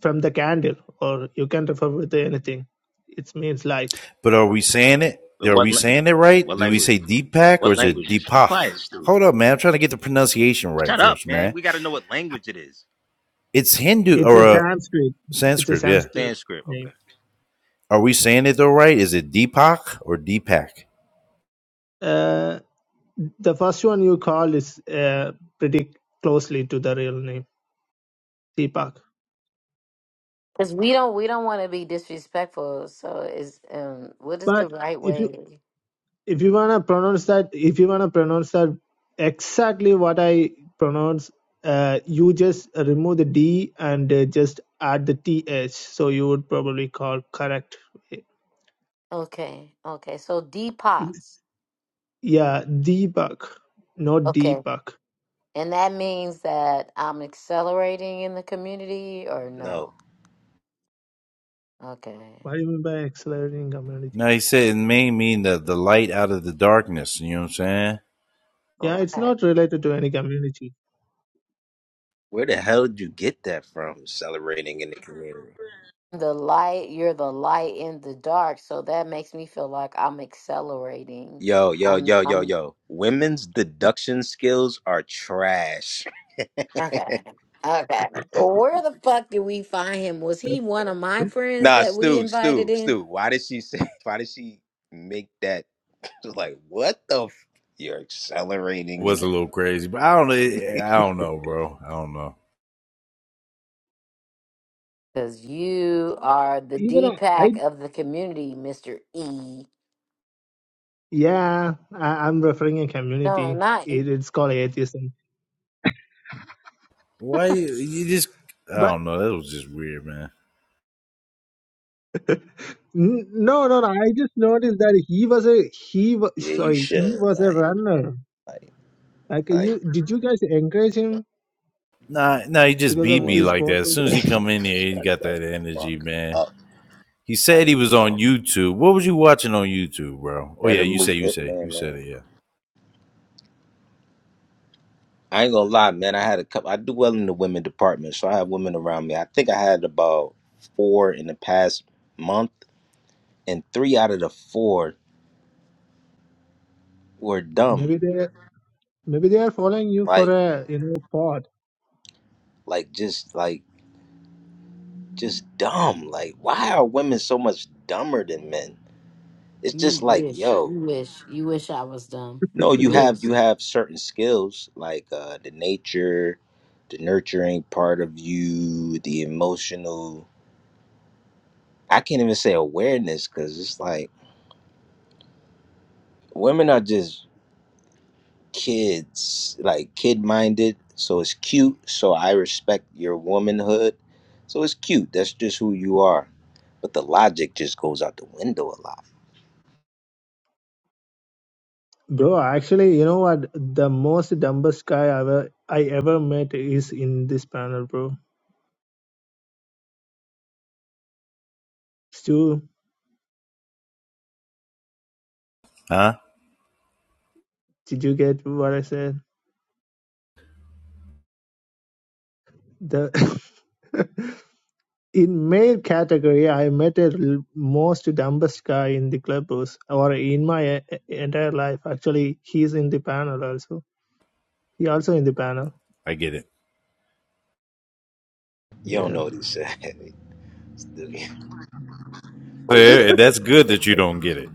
from the candle, or you can refer with anything. It means light. but are we saying it? In Are what we lang- saying it right? what Do we language? say Deepak or What is it language? Be Deepak? quiet, Stu. Hold up, man. I'm trying to get the pronunciation right Shut up, first, man. man. We got to know what language it is. It's Hindu It's or a uh, Sanskrit. It's a Sanskrit, yeah. Sanskrit Sanskrit. Okay. name. Are we saying it though right? Is it Deepak or Deepak? Uh, the first one you call is uh, pretty closely to the real name, Deepak. Because we don't we don't want to be disrespectful. So is um what is the But right if you way? if you wanna pronounce that, if you wanna pronounce that exactly what I pronounce, uh, you just remove the D and uh, just add the TH. So you would probably call correct. Okay, okay. So It's- detox. Yeah, debug, not Okay. debug. And that means that I'm accelerating in the community or No. no? Okay. What do you mean by accelerating community? No, he said it may mean that the light out of the darkness. You know what I'm saying? Yeah, All it's right. not related to any community. Where the hell did you get that from? Celebrating in the community. The light, you're the light in the dark, so that makes me feel like I'm accelerating. Yo, yo, I'm yo, yo, I'm yo. Women's deduction skills are trash. okay. Okay. Where the fuck did we find him? Was he one of my friends Nah, that we Stu, invited Stu, in? Stu. Why did she say? Why did she make that? Like, what the? F- You're It accelerating in was a the. little crazy, but I don't. I don't know, bro. I don't know. Because you are the Even I, I D-Pack of the community, Mr. E. yeah, I, I'm referring a No, community. not E. It, it's called atheism. Why you, you just? I But don't know. That was just weird, man. N- No, no, no. I just noticed that he was a he was Yeah, you sorry, he should. was a Like, runner. like, Like like. you, did you guys encourage him Nah, nah. He just because Some of BB this women like that. As photo? soon as he come in here, he shut got the that energy, fuck man. up. He said he Like, was yo, on YouTube. What was you watching on YouTube, bro? Oh yeah, murder you move say you say you hitman, said man. it. Yeah. I ain't gonna lie, man. I had a couple. I do well in the women department, so I have women around me. I think I had about four in the past month, and three out of the four were dumb. Maybe they maybe they are following you for Like, a you know pod, like just like just dumb. Like, why are women so much dumber than men? It's You just like, wish. yo, You wish. You wish I was dumb. no, You you have wish. you have certain skills like uh, the nature, the nurturing part of you, the emotional. I can't even say awareness because it's like women are just kids, like kid minded. So it's cute. So I respect your womanhood. So it's cute. That's just who you are. But the logic just goes out the window a lot. bro. Actually, you know what? The most dumbest guy I ever I ever met is in this panel, bro. Stu, Huh? did you get what I said? The in male category, I met a l- most dumbest guy in the clubhouse or in my e- entire life. Actually, he's in the panel also. He also in the panel. I get it. You don't Yeah. know what he said. what he said. Yeah, that's good that you don't get it.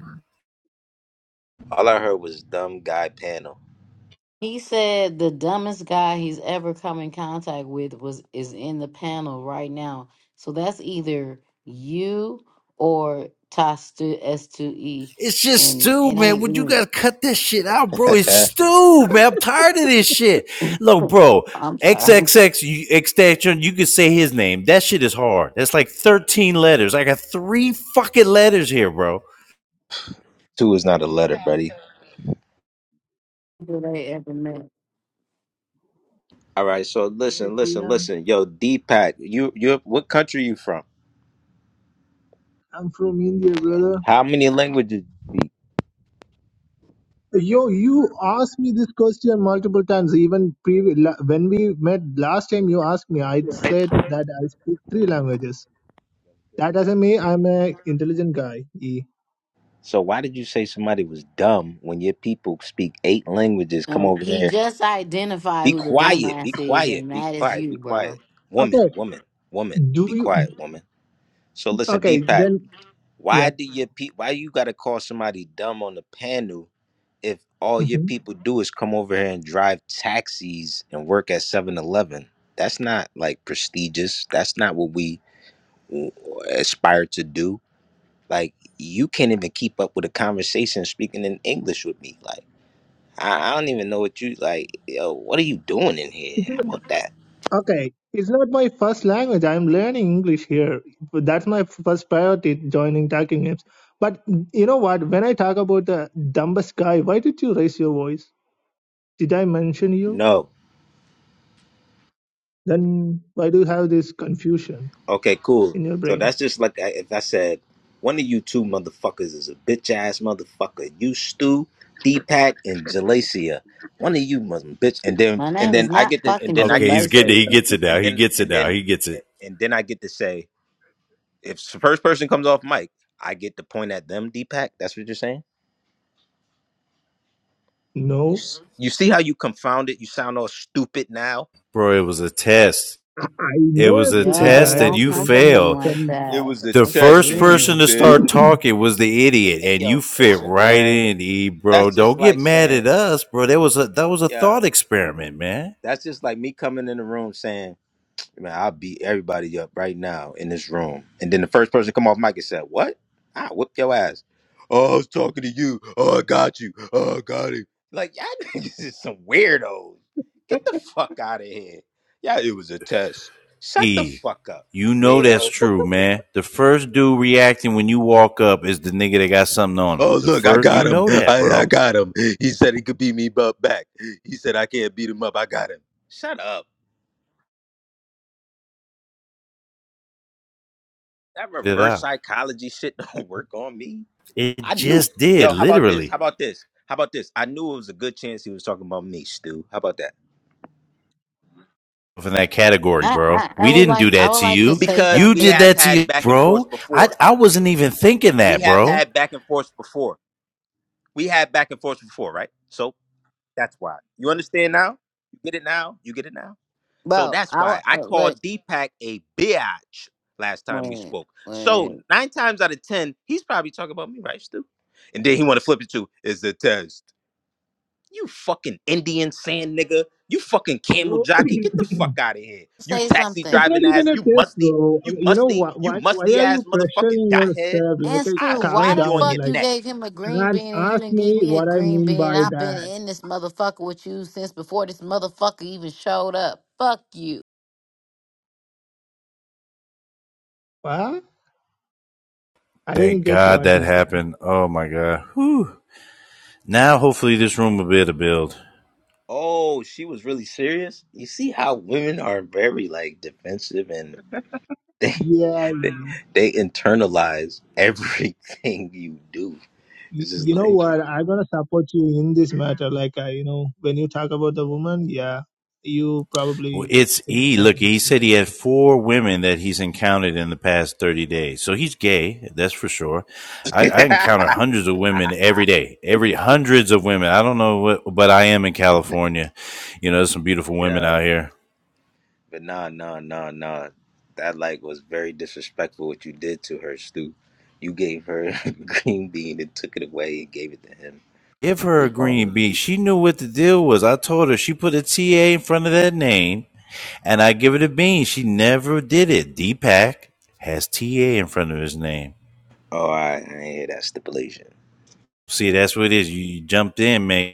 All I heard was dumb guy panel. He said the dumbest guy he's ever come in contact with was is in the panel right now. So that's either you or Tastu S2E. It's just And Stu, it man. ain't Would you me. guys cut this shit out, bro? It's Stu, man. I'm tired of this shit. Look, bro, I'm X sorry. X X extension, you could say his name. That shit is hard. That's like 13 letters. I got three fucking letters here, bro. Two is not a letter, buddy. Who they ever met. All right. So Hey, listen, listen, Tian, listen. Yo, Deepak, you you what country you from? I'm from India, brother. How many languages do you speak? Yo, you asked me this question multiple times. Even previ- la- when we met last time, you asked me. I said that I speak three languages. That doesn't mean I'm a intelligent guy. E. So why did you say somebody was dumb when your people speak eight languages? Come Um, over he here. just identified Be who the quiet. Be dumbass is, quiet. and Be that is quiet. Be you, bro. quiet. Woman, Okay. woman, woman. Do Be you? quiet, woman. So listen, Okay. Deepak, Then yeah. why do your pe- why you gotta call somebody dumb on the panel if all your Mhm. people do is come over here and drive taxis and work at Seven Eleven? That's not like prestigious. That's not what we w- aspire to do. Like you can't even keep up with a conversation speaking in English with me. Like I, I don't even know what you like. Yo, what are you doing in here? How about that? Okay, it's not my first language. I'm learning English here. That's my first priority joining talking games. But you know what? When I talk about the dumbest guy, why did you raise your voice? Did I mention you? No. Then why do you have this confusion Okay, cool. in your So brain? that's just like I, if I said, one of you two motherfuckers is a bitch ass motherfucker. You Stu, Deepak, and Jalacia. One of you must bitch, and then My and name is then I not get to and fucking then I Okay, get he's to getting say, it. He Jalessia. gets it now. and He then gets it and now. then He gets and, it. and then I get to say, if the first person comes off mic, I get to point at them. Deepak, that's what you're saying. You, No, s- Mhm. you see how you confound it? You sound all stupid now. Bro, it was a test. I I It know was a a super Yo, test guy that don't you come actually. for him failed. like From It that. was a The That's test, first and you person weird. to start failed. talking was the idiot, Hey, and you yo, fit listen, right man. in, E, bro. That's just Don't get like mad at saying, us, bro. That was a that was a yo. thought experiment, man. That's just like me coming in the room saying, "Man, I'll beat everybody up right now in this room," and then the first person to come off mic and said, "What? I whoop your ass." Oh, I was talking to you. Oh, I got you. Oh, I got it. Like y'all niggas is some weirdos. Get the fuck out of here. Yeah, it was a test. Shut the E, fuck up, you know that's weirdo. true, man. The first dude reacting when you walk up is the nigga that got something on him. Oh, The look, I first, you got him. know that, I, I bro. got him. He said he could beat me bu- back. He said I can't beat him up. I got him. Shut up. That Get It reverse out. psychology shit don't work on me. I It knew. just did, Yo, how about this? How literally. about this? How about this? I knew it was a good chance he was talking about me, Stu. How about that? In that category, I, bro. I, I We would didn't do like I that would to like to you. say Because You we did something, have that to had you, back and bro. forth I before. I wasn't even thinking We that, have bro. had back and forth before. We had back and forth before, right? So that's why. You understand now? You get it now? You get it now? So bro. that's I would why I uh, look called Deepak a biatch last time we wait spoke. So wait nine times out of ten, he's probably talking about me, right, Stu? And then he want to flip it to is the test. You fucking Indian sand nigga. You fucking camel bro, jockey. Get the fuck out of here. You say taxi it's something. not driving even ass. a You test, musty. bro. You Um, You know musty. what? You Why, why musty are you ass motherfucking pressuring dot head. yourself? And Like, I Stu, calm why slam the you on down. your fuck you Like, neck. gave him a green and bean and you ask didn't give me me a what I green mean bean? by I've that been in this motherfucker with you since before this motherfucker even showed up. Fuck you. Well, I didn't Thank get to God what that you said. happened. Oh my God. Whew. Now, hopefully, this room will be able to build. Oh, she was really serious? You see how women are very like defensive and they Yeah, you, they internalize everything you do. It's just you know like what? I'm gonna support you in this matter. Like, uh, you know, when you talk about the woman, yeah, you Well, probably it's said it E. Look, happening he to said you. he had four women that he's encountered in the past 30 days. So he's gay, that's for sure. I, I encounter hundreds of women every day, every hundreds of women. I don't know what, but I am in California. You know, there's some beautiful women yo. out here. But nah, nah, nah, nah. That like was very disrespectful what you did to her, Stu. You gave her a green bean and took it away and gave it to him. Give her a What's wrong green with bean. you? She knew what the deal was. I told her she put a T A in front of that name And I give it a bean. She never did it. Deepak has TA in front of his name. Oh, I, I ain't hear that stipulation. See, that's what it is. You, you jumped in, man.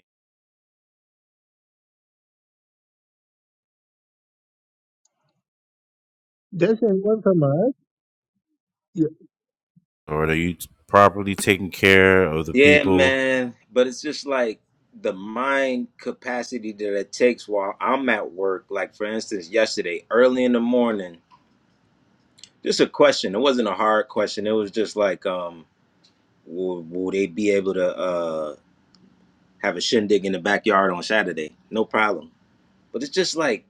There's anyone from us? Yeah. Or are you properly taking care of the Yeah, people man. But it's just like the mind capacity that it takes while I'm at work. Like, for instance, yesterday, early in the morning, just a question. It wasn't a hard question. It was just like, um, will, will they be able to uh, have a shindig in the backyard on Saturday? No problem. But it's just like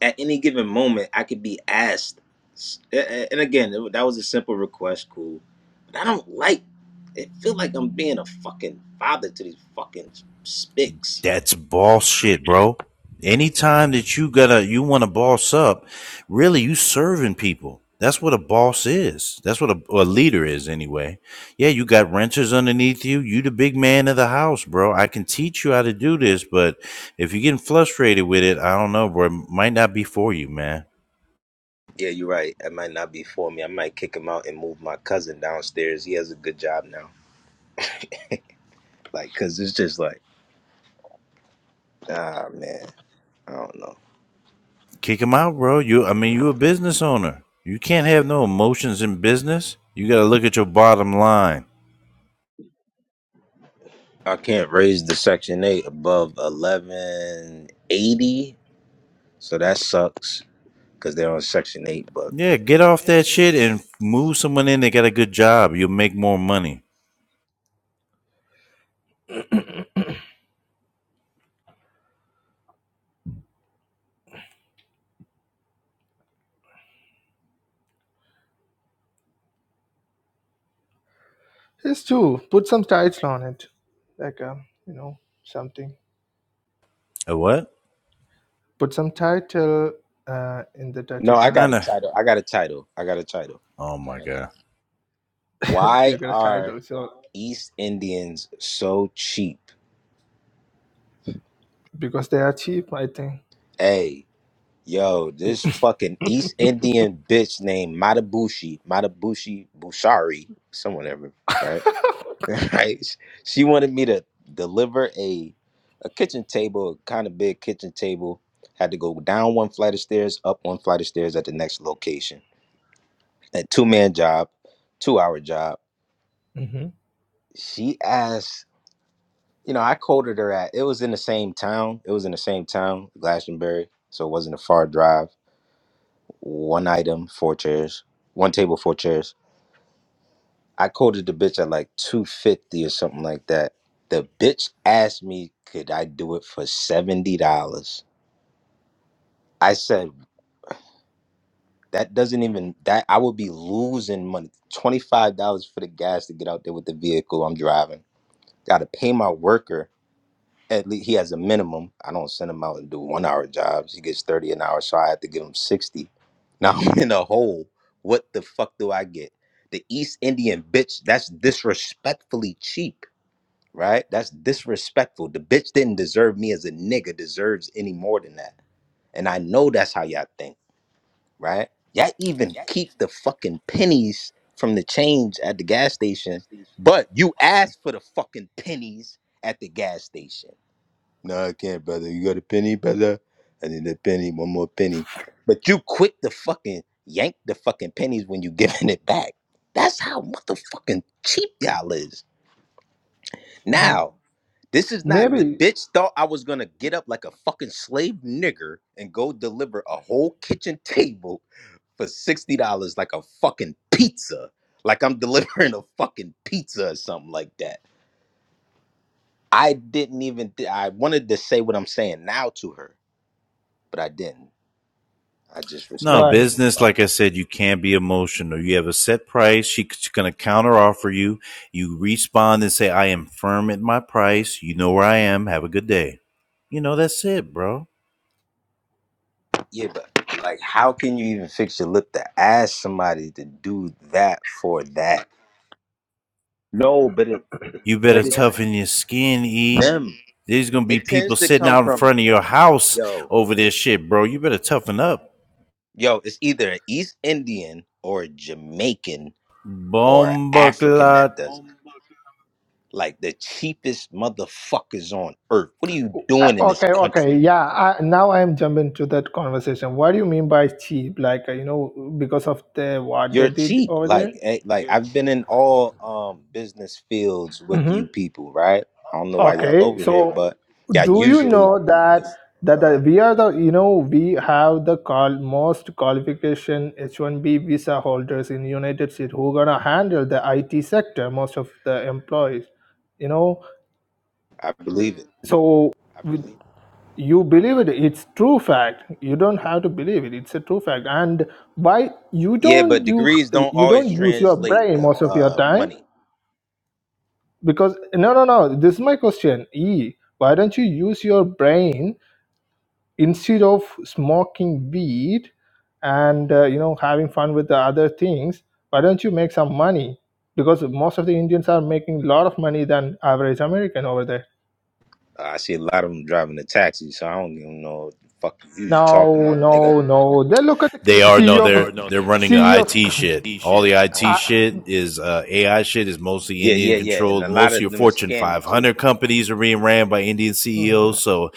at any given moment, I could be asked. s- a- a- And again, it- that was a simple request, cool. But I don't like. It feel like I'm being a fucking father to these fucking spics. That's boss shit, bro. Anytime that you gotta you want to boss up, really you serving people. That's what a boss is. That's what a, a leader is anyway. Yeah, you got renters underneath you. You the big man of the house, bro. I can teach you how to do this, but if you're getting frustrated with it, I don't know, bro. It might not be for you, man. Yeah, you're right. It might not be for me. I might kick him out and move my cousin downstairs. He has a good job now. Like, cause it's just like, ah, man. I don't know. Kick them out, bro. You, I mean, you a business owner. You can't have no emotions in business. You got to look at your bottom line. I can't raise the Section 8 above 1180. So that sucks because they're on Section 8. but. Yeah, get off that shit and move someone in that got a good job. You'll make more money. Isn't like um, you know something? A what? Put some title uh, in the title No, I bar. got a Kinda. title. I got a title. I got a title. Oh All my right. god. Why You, are so, East Indians so cheap? because I think Hey, yo, this fucking East Indian bitch named Matabushi, Matabushi Bushari, someone ever, right? right. She wanted me to deliver a a kitchen table, a kind of big kitchen table. Had to go down one flight of stairs, up one flight of stairs at the next location. A two man job, two hour job. it, She asked You know, I quoted her at. It was in the same town. It was in the same town, Glastonbury. So it wasn't a far drive. One item, four chairs. One table, four chairs. I quoted the bitch at like two fifty or something like that. The bitch asked me, could I do it for seventy dollars? I said that doesn't even that I would be losing money. Twenty five dollars for the gas to get out there with the vehicle I'm driving. Got to pay my worker at least he has a minimum. I don't send him out and do one hour jobs. He gets 30 an hour, so I have to give him 60. Now I'm in a hole. What the fuck do I get? The East Indian bitch, that's disrespectfully cheap, right? That's disrespectful. The bitch didn't deserve me as a nigga, deserves any more than that. And I know that's how y'all think, right? Y'all even keep the fucking pennies from the change at the gas station, but you asked for the fucking pennies at the gas station. No, I can't, brother. You got a penny, brother? I need a penny, one more penny. But you quick to fucking yank the fucking pennies when you giving it back. That's how motherfucking cheap y'all is. Now, this is not the maybe bitch thought I was gonna get up like a fucking slave nigger and go deliver a whole kitchen table for $60 like a fucking pizza. Like I'm delivering a fucking pizza or something like that. I didn't even, Th- I wanted to say what I'm saying now to her, but I didn't. I just No respect why? him. business. Like Like, I said, you can't be emotional. You have a set price. She- She's gonna counter offer you. You respond and say, "I am firm at my price. You know where I am. Have a good day." You know that's it, bro. Yeah, but like, how can you even fix your lip to ask somebody to do that for that? No, but it, You better but it's toughen your skin, e. them. There's gonna be It people tends to sitting come out in from front of your house yo, over it- this shit, bro. You better toughen up. yo. It's either an East Indian or a Jamaican or an Bomba African that clot. does it. like the cheapest motherfuckers on earth. What are you Uh, doing in this Okay, country? okay, yeah. I, now I'm jumping to that conversation. What do you mean by cheap? Like uh, you know, because of the what they you're did cheap. over there. Like eh, like I've been in all um business fields with hmm you people, right? I don't know why Okay, y'all over here, so but yeah, do you usually know the that f- that uh, the, we are the you know we have the call most qualification H1B visa holders in United States who gonna handle the IT sector most of the employees. You know, I believe it. so you believe it it's true fact you don't have to believe it it's a true fact and why you Yeah, but don't you degrees don't you always don't use your translate brain the most of your uh time money. because no no no this is my question e why don't you use your brain instead of smoking weed and uh, you know having fun with the other things why don't you make some money because most of the indians are making a lot of money than average american over there Uh, I see a lot of them driving a taxi, so I don't even know what the fuck you was talking no about, nigga. no no they look at They are no, the they're they're running the ceo IT shit. All the IT shit is uh, AI shit is mostly Yeah, Indian yeah, yeah, and controlled. a lot Most of your of them is Fortune scamming too. 500 companies are being ran by Indian CEOs. So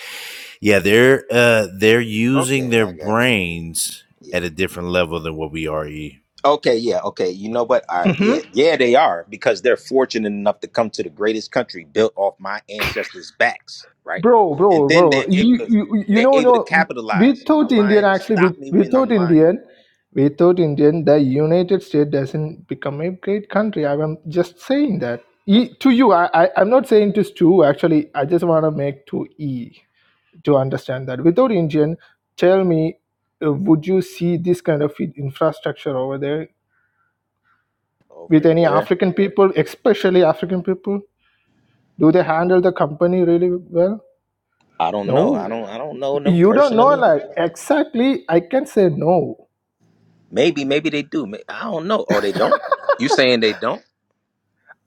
yeah, they're uh, they're using Okay, their I got you. brains Yeah. at a different level than what we are. E. Okay, yeah, okay. You know what? All right, yeah, yeah, they are because they're fortunate enough to come to the greatest country built off my ancestors' backs, right? bro And bro then bro they're able you to you, you they're know able to no capitalize. Without Am I indian lying? actually with Stop me without when I'm lying. indian without indian the united states doesn't become a great country i'm just saying that e, to you I, I i'm not saying to Stu actually i just want to make to e to understand that without indian tell me uh, would you see this kind of in- infrastructure over there with Over any where? african people especially african people do they handle the company really well I don't know. no I don't. I don't know them you don't know personally. like exactly i can say no Maybe, maybe they do. May- I don't know. Oh, they don't. You saying they don't?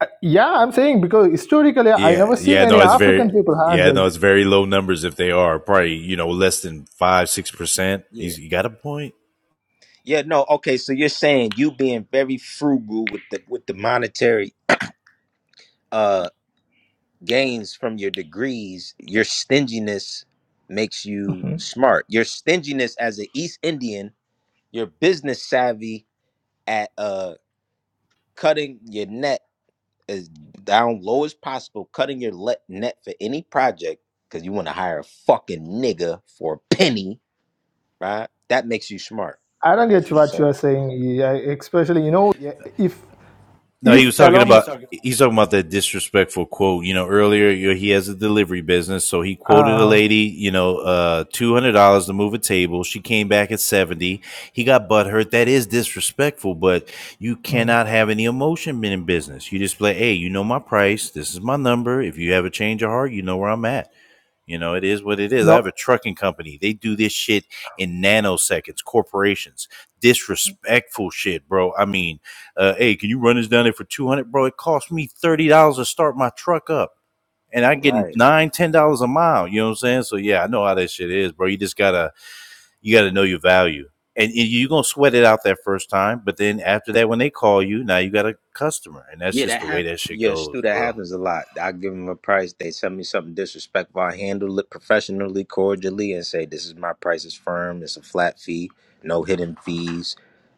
Uh, yeah i'm saying because historically i Yeah, never seen yeah, any no, it's very african people yeah, no, handled it's very low numbers if they are probably you know less than five six percent. Yeah, He's you got a point. yeah. No. Okay. So you're saying you being very frugal with the with the monetary. uh, gains from your degrees, your stinginess makes you Mhm. smart. Your stinginess as an East Indian, your business savvy at uh cutting your net as down low as possible, cutting your let net for any project because you want to hire a fucking nigga for a penny, right? That makes you smart. i don't That's get what you're what you saying, are saying yeah, especially you know yeah, if No, he if was a talking about he's talking about that disrespectful quote. You know, earlier he has a delivery business, so he quoted a uh, lady, you know, uh, two hundred dollars to move a table. She came back at seventy. He got butthurt. That is disrespectful, but you mm, cannot have any emotion in business. You display, hey, you know my price. This is my number. If you have a change of heart, you know where I'm at. You know, it is what it is. I no have a trucking company. They do this shit in nanoseconds. Corporations, disrespectful shit, bro. I mean, uh, hey, can you run this down there for two hundred, dollars, bro? It cost me thirty dollars to start my truck up, and I'm getting right? nine, ten dollars a mile. You know what I'm saying? So yeah, I know how that shit is, bro. You just gotta, you gotta know your value, and, and you're gonna sweat it out that first time, but then after that, when they call you, now you got a customer, and that's Yeah, just that the way happens. that shit Yeah, goes, Stu, that bro. happens a lot. I give them a price. They send me something disrespectful. I handle it professionally, cordially, and say, "This is my price. It's firm. It's a flat fee. No hidden fees."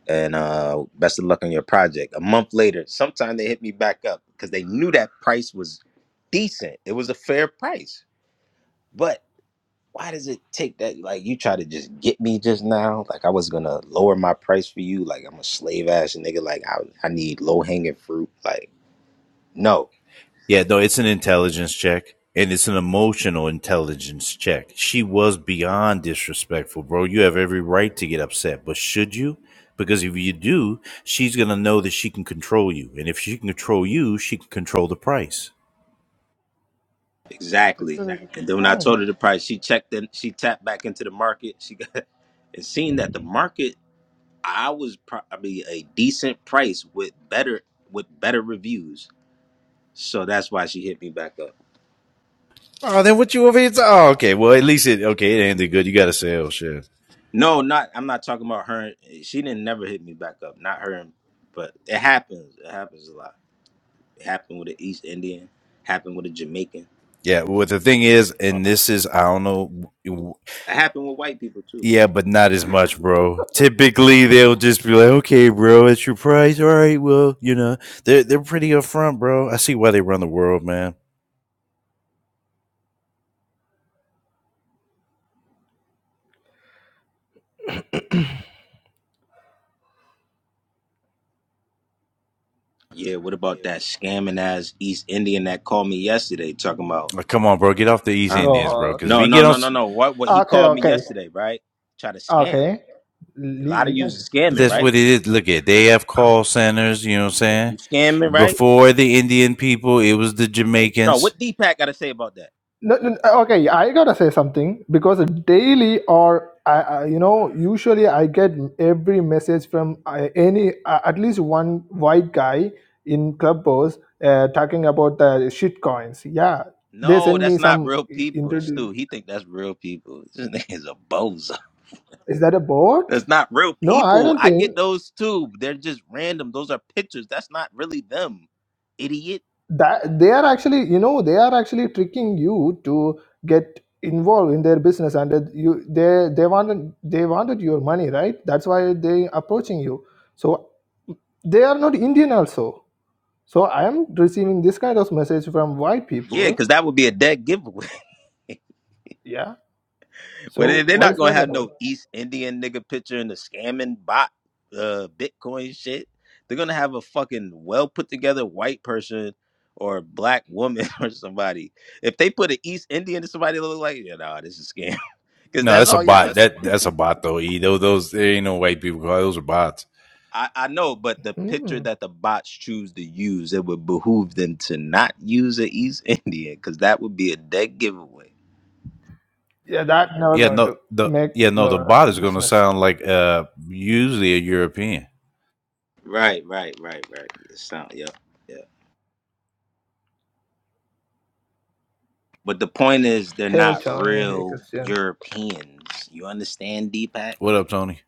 And uh, best of luck on your project. A month later, sometime they hit me back up because they knew that price was decent. It was a fair price. But why does it take that? Like you try to just get me just now. Like I was gonna lower my price for you. Like I'm a slave ass nigga. Like I, I need low hanging fruit. Like no. Yeah, no, it's an intelligence check and it's an emotional intelligence check. She was beyond disrespectful, bro. You have every right to get upset, but should you? Because if you do, she's going to know that she can control you. And if she can control you, she can control the price. that's Exactly. a And good then when I point told her the price, she checked in, she tapped back into the market. She got and seeing that the market, I was probably a decent price with better with better reviews. So that's why she hit me back up. Oh, then what you over here? oh, okay. Well, at least it, okay, it ended good. You got to say, oh, shit. No, not I'm not talking about her. She didn't never hit me back up. Not her, but it happens. It happens a lot. It happened with an East Indian. Happened with a Jamaican. Yeah, well, the thing is, Uh, and this is, I don't know, it happened with white people too. Yeah, but not as much, bro. Typically, they'll just be like, "Okay, bro, it's your price. All right, well, you know, they're they're pretty upfront, bro. I see why they run the world, man. Yeah. What about that scamming ass East Indian that called me yesterday talking about? Like, come on, bro, get off the East Huh? Indians, bro. oh, Because if No, you no, get on, no, no, s- no. What what he okay called me okay yesterday, right? Try to scam. okay A Le- lot we of you is can we scamming, that's can right? what it is. Look at they have call centers. You know what I'm saying? You scamming, right? Before the Indian people, it was the No, Jamaicans. what Deepak gotta say about that? No, no, no, okay, I gotta say something because daily or I, I, you know, usually I get every message from uh, any uh, at least one white guy in Clubhouse uh, talking about the shit coins. Yeah, they No, send that's me not some. real people, Inter- Stu. He think that's real people. This nigga's a bozo. Is that a bot? That's not real No, I people. don't I think. get those too. They're just random. Those are pictures. That's not really them, idiot. that they are actually you know they are actually tricking you to get involved in their business and that you they they wanted they wanted your money right that's why they approaching you so they are not indian also so i am receiving this kind of message from white Yeah, people because that would be a dead giveaway. yeah Well, they- so they're what not is gonna that have about no East Indian nigga picture in the scamming bot, uh, Bitcoin shit. They're gonna have a fucking well put together white person or a black woman or somebody. If they put an East Indian to somebody, that look like yeah, nah, this is a scam because No, that's that's a all y'all. bot. That that's a bot though. E those those there ain't no white people. Those are bots. I, I know, but the picture hmm. that the bots choose to use, it would behoove them to not use an East Indian because that would be a dead giveaway. yeah that never Yeah, going no, to the make yeah, no, the lo- bot good is gonna business sound like uh usually a European. Right, right, right, right. It sound, yep, yeah. But the point is, they're hey not Johnny. hey real christian Europeans. You understand, Deepak? What up, Tony?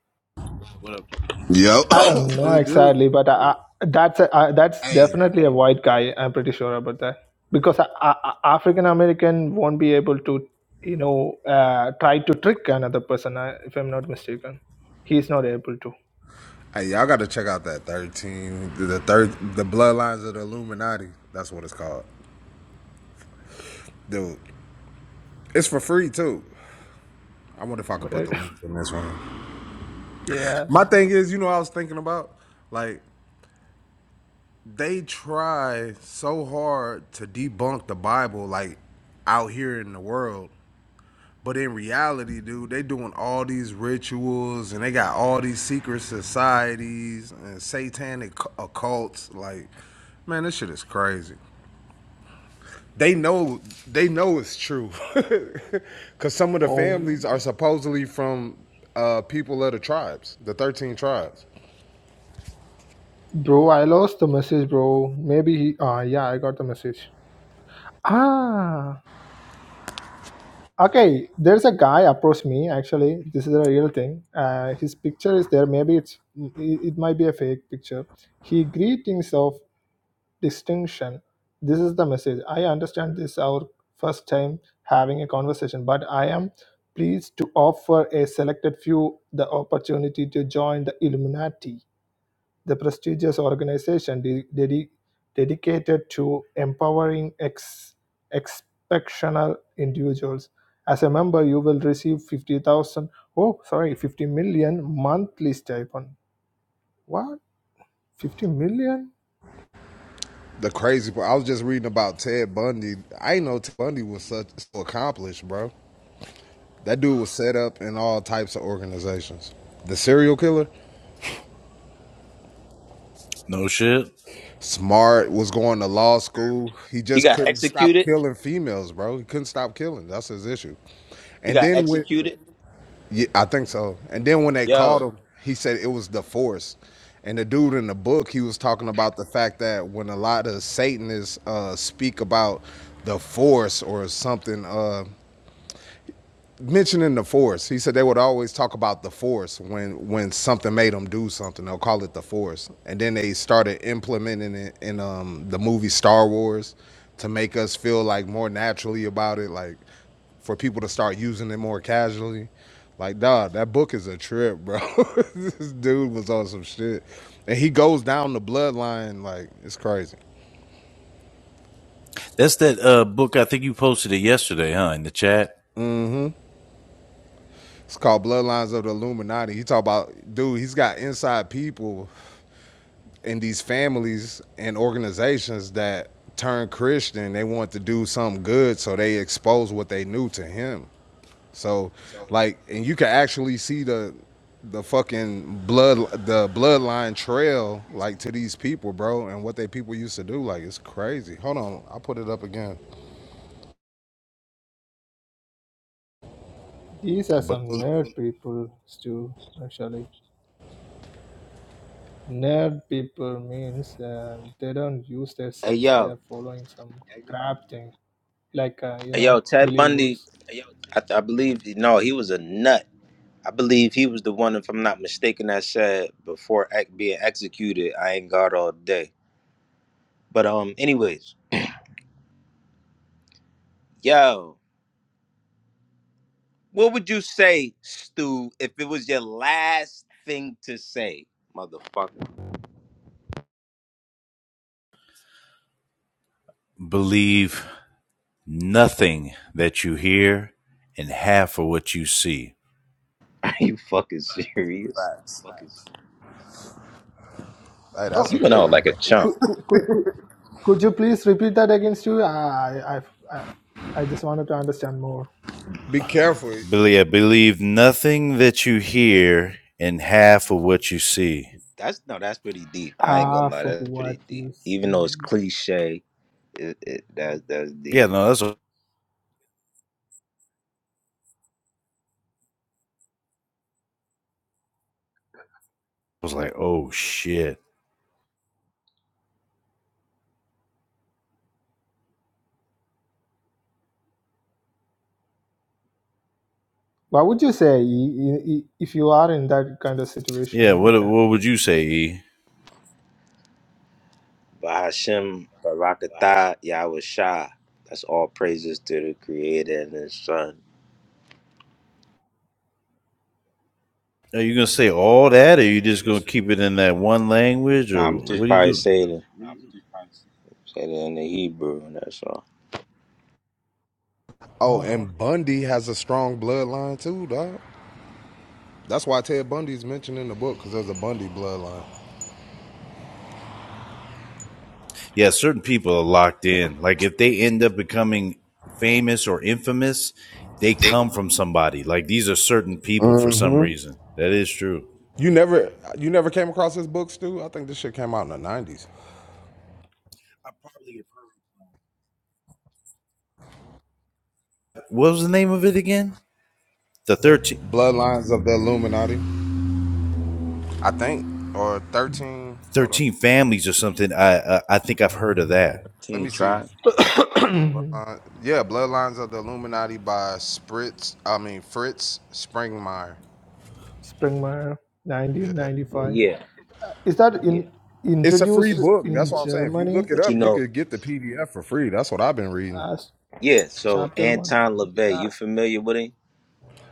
Yo, I don't know the dude. exactly, but I, I, that's a, I, that's Hey, definitely a white guy. I'm pretty sure about that because African American won't be able to, you know, uh, try to trick another person. uh, If I'm not mistaken, he's not able to. hey, y'all got to check out that thirteen, the the third, the bloodlines of the Illuminati. That's what it's called, dude. It's for free too. I wonder if I could put Right? the link in this one. yeah. My thing is, you know, I was thinking about like they try so hard to debunk the Bible, like out here in the world, But in reality, dude, they doing all these rituals and they got all these secret societies and satanic cu- occults. Like, man, this shit is crazy. They know they know it's true, cause some of the Oh, families are supposedly from uh, people of the tribes, the thirteen tribes. bro, I lost the message, bro. Maybe he. Ah, yeah, I got the message. Ah. Okay, there's a guy approached me. Actually, this is a real thing. Uh, his picture is there. Maybe it's it it might be a fake picture. He greetings of distinction. This is the message. I understand this our first time having a conversation, but I am pleased to offer a selected few the opportunity to join the Illuminati. The prestigious organization de- dedi- dedicated to empowering ex- exceptional individuals. As a member, you will receive 50,000, oh, sorry, 50 million monthly stipend. What? 50 million? The crazy part, I was just reading about Ted Bundy. I didn't know Ted Bundy was such so accomplished, bro. That dude was set up in all types of organizations. The serial killer. No shit. Smart was going to law school. He He just got couldn't stop executed. killing females, bro. He couldn't stop killing. That's his issue. He And got then when, executed. yeah, I think so. And then when they called Yo, him, he said it was the force. And the dude in the book, he was talking about the fact that when a lot of Satanists uh, speak about the force or something, uh, mentioning the force. He said they would always talk about the force when when something made them do something. They'll call it the force, and then they started implementing it in um, the movie Star Wars to make us feel like more naturally about it, like for people to start using it more casually. Like, dog, that book is a trip, bro. this dude was on some shit, and he goes down the bloodline like it's crazy. That's that uh book I think you posted it yesterday, huh? In the chat. It's called Bloodlines of the Illuminati. He talk about dude. He's got inside people in these families and organizations that turn Christian, they want to do something good, so they expose what they knew to him. So, like, and you can actually see the the fucking blood the bloodline trail like to these people, bro, and what they people used to do. Like, it's crazy. Hold on, I'll put it up again. These are But some it nerd people, Stu, actually. Nerd people means uh, they don't use their hey, sense, they yo, are following some crap thing, like, uh, you hey, yo. know, Ted Bundy. believers. I, I believe no, he was a nut. I believe he was the one, if I'm not mistaken, that said before ex- being executed, I ain't God all day. But um, anyways, yo, what would you say, Stu, if it was your last thing to say, motherfucker? Believe nothing that you hear and half of what you see. Are you fucking serious? facts. Hey, Oh, that's a You went good out one like a chump. though. could, could, could, could could you please repeat that against you? I, I, I I just wanted to understand more. Be careful. Believe believe nothing that you hear and half of what you see. That's no, that's pretty deep. I ain't gonna Half lie, of that's what pretty deep. you Even though it's see. cliche, it, it that's that's deep. Yeah, no, that's what I was like, oh shit. What would you say i- i- i- if you are in that kind of Yeah, situation? what Like, a, what would you say, E? Bahashem Barakatah Yahweh Shah. That's all praises to the Creator and His Son. Are you gonna say all that, or you just gonna keep it in that one language, or Nah, I'm just what do you probably do? saying it, saying it in the Hebrew, and that's all. Oh, oh, okay, and Bundy has a strong bloodline too, dog. That's why Ted Bundy's mentioned in the book because there's a Bundy bloodline. Yeah, certain people are locked in. Like if they end up becoming famous or infamous, they Dick. come from somebody. Like these are certain people for some Mm-hmm. reason. That is true. You never you never came across his book, Stu? I think this shit came out in the nineties. What was the name of it again? The thirteen, Bloodlines of the Illuminati. I think. Or thirteen hold on. thirteen families or something. I, I I think I've heard of that. Let Team me see. tribe. Bloodline, yeah, Bloodlines of the Illuminati by Spritz I mean Fritz Springmeyer. Springmeier, Yeah. Yeah, 1995. yeah, Is that Yeah. in It's a free introduced book. That's in what I'm saying. If you Germany look it but you up, you know, could get the PDF for free. That's what I've been reading. as yeah. So chapter one? Anton LaVey, you As, familiar with him?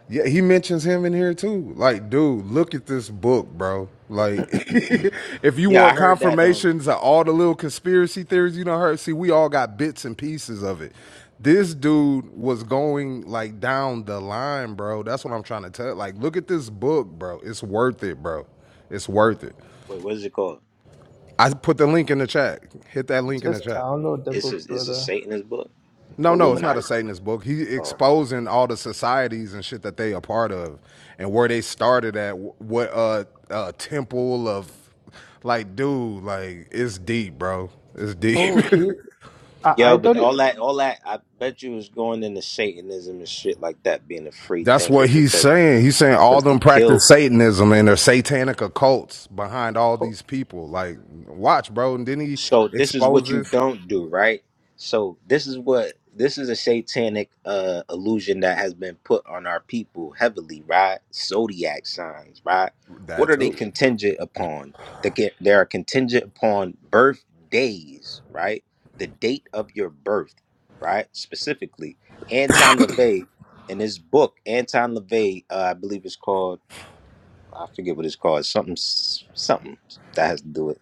Yeah, he mentions him in here too. Like, dude, look at this book, bro. Like, if you Yeah, I want heard that. Um, confirmations of all the little conspiracy theories you do heard, see, we all got bits and pieces of it. This dude was going like down the line, bro. That's what I'm trying to tell. Like, look at this book, bro. It's worth it, bro. It's worth it. wait, what is it called? I put the link in the chat. Hit that link in the just chat. download the It's a book, it's a brother. Satanist book, No, no, it's not a Illuminati. Satanist book. He's um, exposing all the societies and shit that they a part of, and where they started at. What uh, uh temple of, like, dude, like it's deep, bro. It's deep. Oh, he. I, Yo, I but thought. It, all that, all that, I bet you was going into Satanism and shit like that, being a free That's thinker what he's because saying. He's saying all because the them kill practice Satanism and their satanic occults behind all oh, these people. Like, watch, bro. And then he So this is what you exposes don't do, right? So this is what this is a satanic uh illusion that has been put on our people heavily, right? Zodiac signs, right? What that are they too. contingent upon? They get they are contingent upon birthdays, right? The date of your birth, right? Specifically, Anton LaVey in his book, Anton LaVey, uh, I believe it's called I forget what it's called, something something that has to do with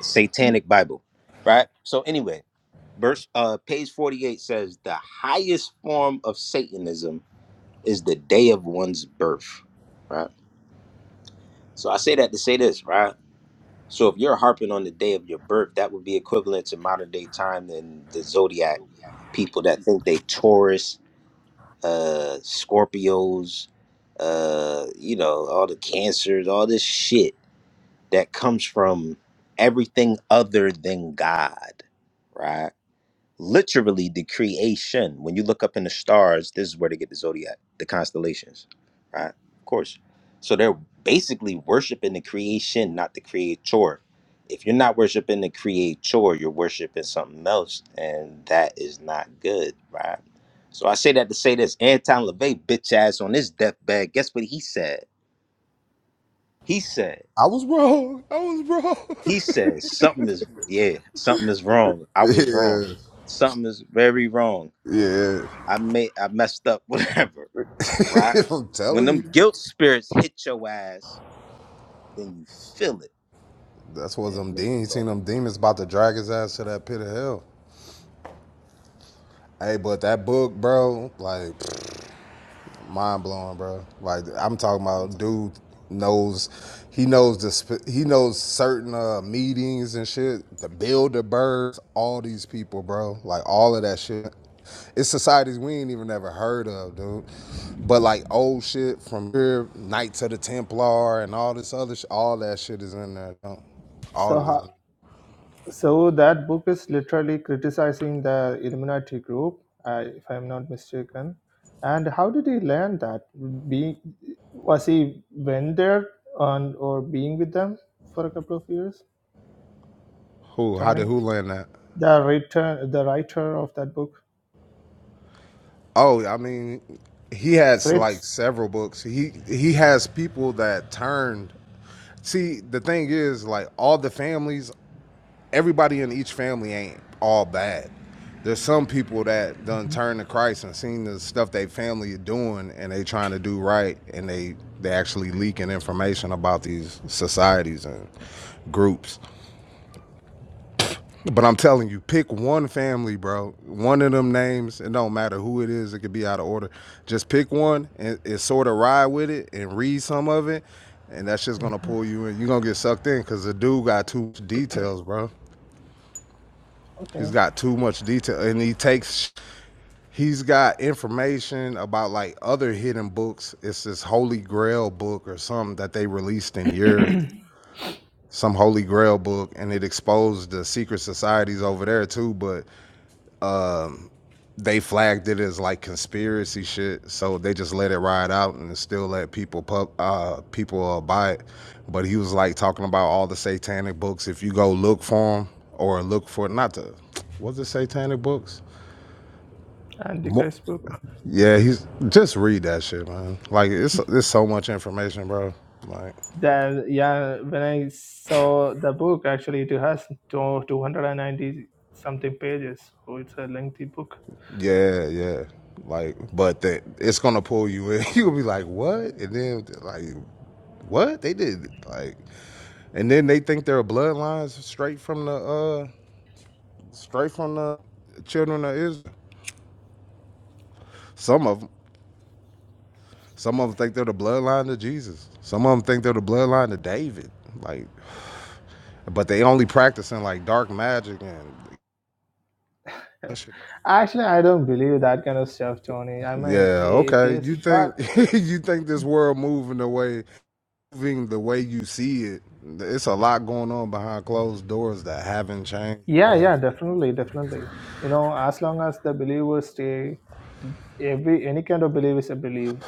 satanic bible right so anyway verse uh page 48 says the highest form of satanism is the day of one's birth right so i say that to say this right so if you're harping on the day of your birth that would be equivalent to modern day time than the zodiac people that think they taurus uh scorpios uh you know all the cancers all this shit that comes from everything other than god right literally the creation. When you look up in the stars, this is where they get the zodiac, the constellations, right? Of course. So they're basically worshiping the creation, not the creator. If you're not worshiping the creator, you're worshiping something else, and that is not good, right? So I say that to say this Anton LaVey, bitch ass, on his deathbed, guess what he said? He said, I was wrong. I was wrong. he said, something is, yeah, something is wrong. I was wrong. yeah, Something is very wrong I made I messed up, whatever, right? yeah. I'm When telling them you. guilt spirits hit your ass, then you feel it. That's You what know what I them mean? demons. You seen them demons about to drag his ass to that pit of hell. Hey, but that book, bro, like mind blowing, bro. Like I'm talking about, dude knows he knows the he knows certain uh, meetings and shit. The Builder Birds, all these people, bro. Like all of that shit. It's societies we ain't even never heard of, dude. But like old shit from here, Knights of the Templar and all this other shit, all that shit is in there. Though. All so this. ho- So that book is literally criticizing the Illuminati group, uh, if I'm not mistaken. And how did he learn that? Being was he went there and or being with them for a couple of years? Who? How Johnny, did who land that? the writer, the writer of that book, Oh, I mean, he has like Fritz. several books. He he has people that turned. See, the thing is, like all the families, everybody in each family ain't all bad. There's some people that done Mhm, turn to Christ and seen the stuff they family are doing, and they trying to do right, and they they actually leaking information about these societies and groups. But I'm telling you, pick one family, bro. One of them names. It don't matter who it is. It could be out of order. Just pick one and, and sort of ride with it and read some of it, and that's just gonna mhm. pull you in. You're gonna get sucked in because the dude got too much details, bro. He's Okay, got too much detail, and he takes. He's got information about like other hidden books. It's this Holy Grail book or something that they released in Europe, some Holy Grail book, and it exposed the secret societies over there too. But they flagged it as like conspiracy shit, so they just let it ride out and still let people pub, uh, people uh, buy it. But he was like talking about all the satanic books. If you go look for them or look for not the was it satanic books? Mo- Antichrist book. yeah, he's just read that shit, man. Like it's it's so much information, bro. Like The yeah, when I saw the book, actually, it has two two hundred and ninety something pages. So it's a lengthy book. yeah, yeah. Like but that it's gonna pull you in. You'll be like what, and then like what they did like And then they think their bloodlines straight from the uh straight from the children of Israel. Some of them, some of them think they're the bloodline to Jesus. Some of them think they're the bloodline to David. Like, but they only practicing like dark magic and shit. Actually, I don't believe that kind of stuff, Tony. I'm an yeah. Okay, atheist, you but think you think this world moving the way moving the way you see it? It's a lot going on behind closed doors that haven't changed. yeah, Bro. yeah, definitely, definitely. You know, as long as the believers stay, every any kind of belief is a belief.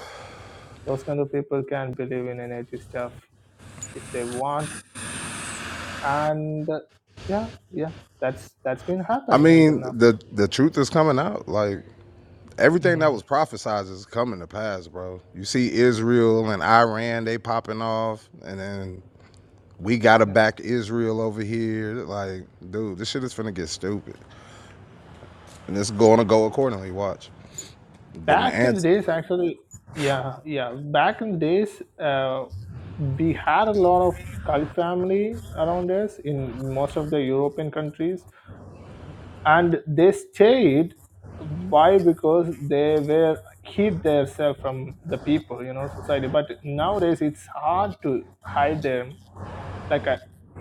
Those kind of people can believe in any atheist stuff if they want, and uh, yeah, yeah, that's that's been I happening until mean, now. the the truth is coming out. Like Everything that Hmm. was prophesized is coming to pass, bro. You see Israel and Iran, they popping off, and then we gotta back Israel over here. Like, dude, this shit is finna get stupid. And it's gonna go accordingly, watch. Then the back in the answer. days actually yeah yeah back in the days uh, we had a lot of cult family around us in most of the european countries and they stayed why because they were hid themselves from the people you know society but nowadays it's hard to hide them like a,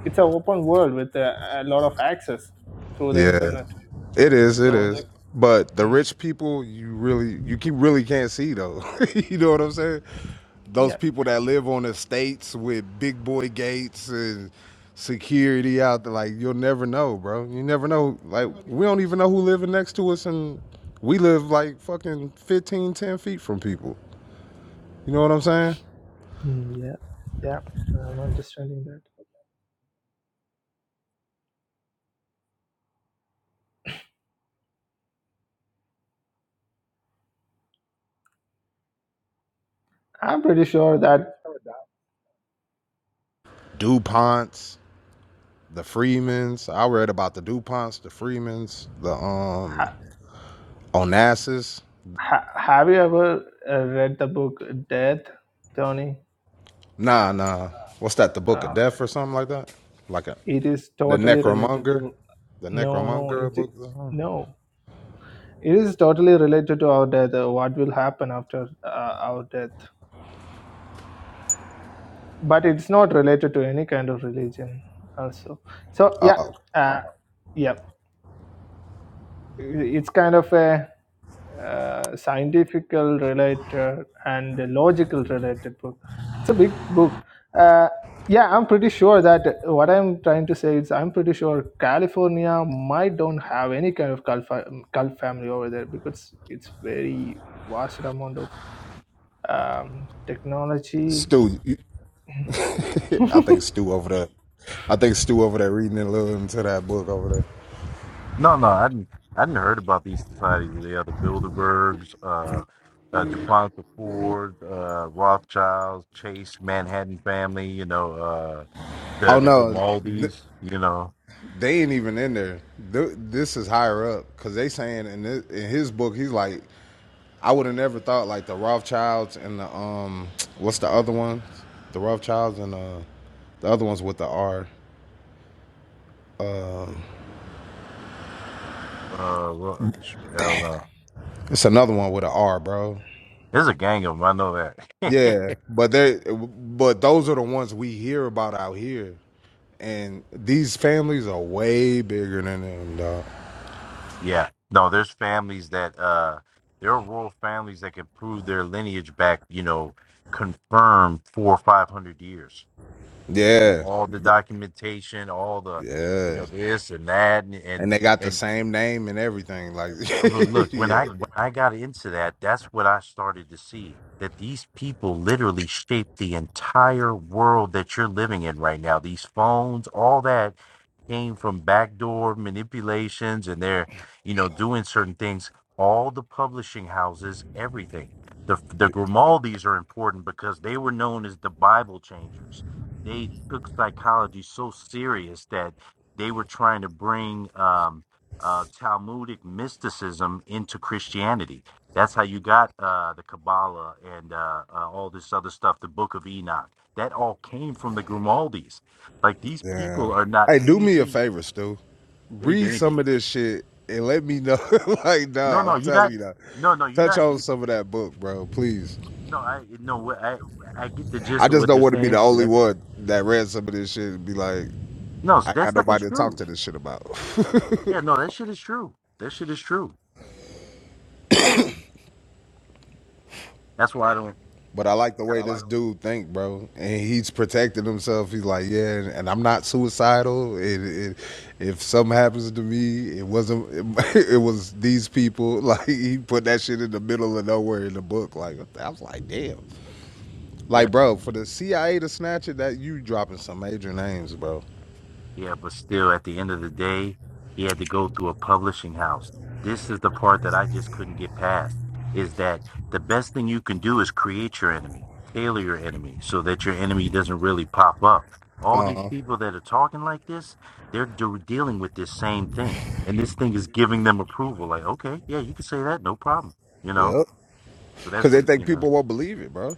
it's an open world with a, a lot of access through the Yeah, internet it is. It so is. like But the mm, rich people, you really, you keep really can't see though. you know what I'm saying? Those yeah people that live on estates with big boy gates and security out there, like you'll never know, bro. You never know. Like we don't even know who living next to us, and we live like fucking 15, 10 feet from people. You know what I'm saying? Mm, yeah yeah i'm understanding that I'm pretty sure that. DuPonts, the Freemans. I read about the DuPonts, the Freemans, the um Ha, Onassis. ha, have you ever uh, read the book Death, Tony? Nah, nah. What's that? The Book of Uh, Death or something like that? Like a it is the totally related Necromonger, to. the No, no, Necromonger it book. no. It is totally related to our death. Uh, what will happen after uh, our death? But it's not related to any kind of religion. Also, so yeah, Oh, uh, yeah. It's kind of a uh, scientifical related and logical related book. It's a big book. Uh, yeah, I'm pretty sure that what I'm trying to say is I'm pretty sure California might don't have any kind of cult, fa- um, cult family over there because it's very vast amount of um, technology. Stu, you, I think Stu over there. I think Stu over there reading a little into that book over there. Oh no, th- they ain't even in there. Th- This is higher up because they saying in this, in his book he's like, I would have never thought like the Rothschilds and the um, what's the other one? The Rothschilds and uh, the other ones with the R. It's another one with a R, bro. Yeah, but they but those are the ones we hear about out here, and these families are way bigger than them, dog. Yeah, th- yeah, and they got the same name and everything. Like, yeah, yeah. Hey, do me a favor, Stu. Read some of this shit and let me know. like, nah, I'm telling you, nah. touch on some of that book, bro, please. I just don't want to be the only one that read some of this shit and be like, I ain't got nobody to talk to this shit about. But I like the way this dude think, bro. And he's protecting himself. He's like, yeah, and, and I'm not suicidal. It, it, if something happens to me, it wasn't. It, it was these people. Like he put that shit in the middle of nowhere in the book. Like I was like, damn. Like, bro, for the CIA to snatch it, that you dropping some major names, bro. Uh huh. Yep. Because they think people won't believe it, bro.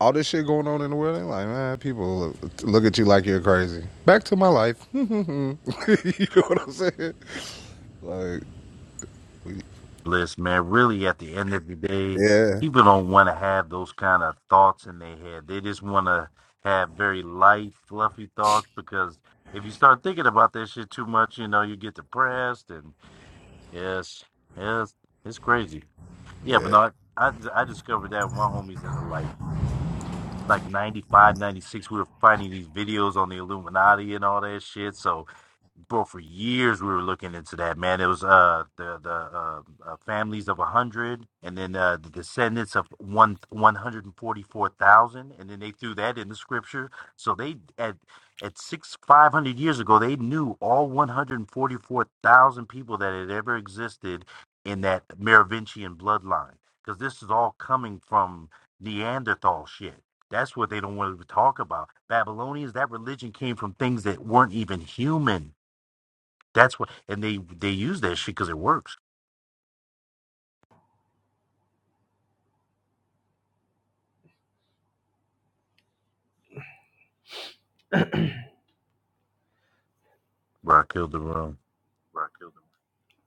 all this shit going on in the world, they like, man, people look, at you like you're crazy. Back to my life. you know what I'm saying? Like, yeah, yeah,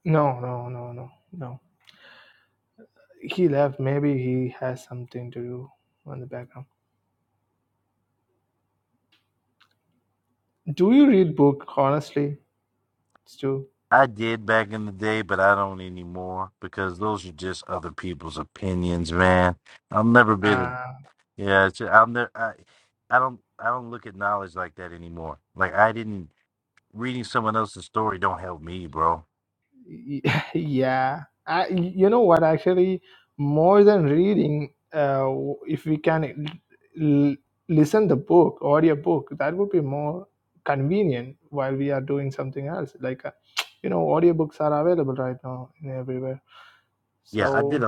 No, no, no, no, no. He left. Maybe he has something to do on the background. Do you read book honestly, Stu? Uh, Y- yeah I, you know what actually more than reading uh, w- if we can l- l- listen the book audio book that would be more convenient while we are doing something else like uh, you know audiobooks are available right now in everywhere so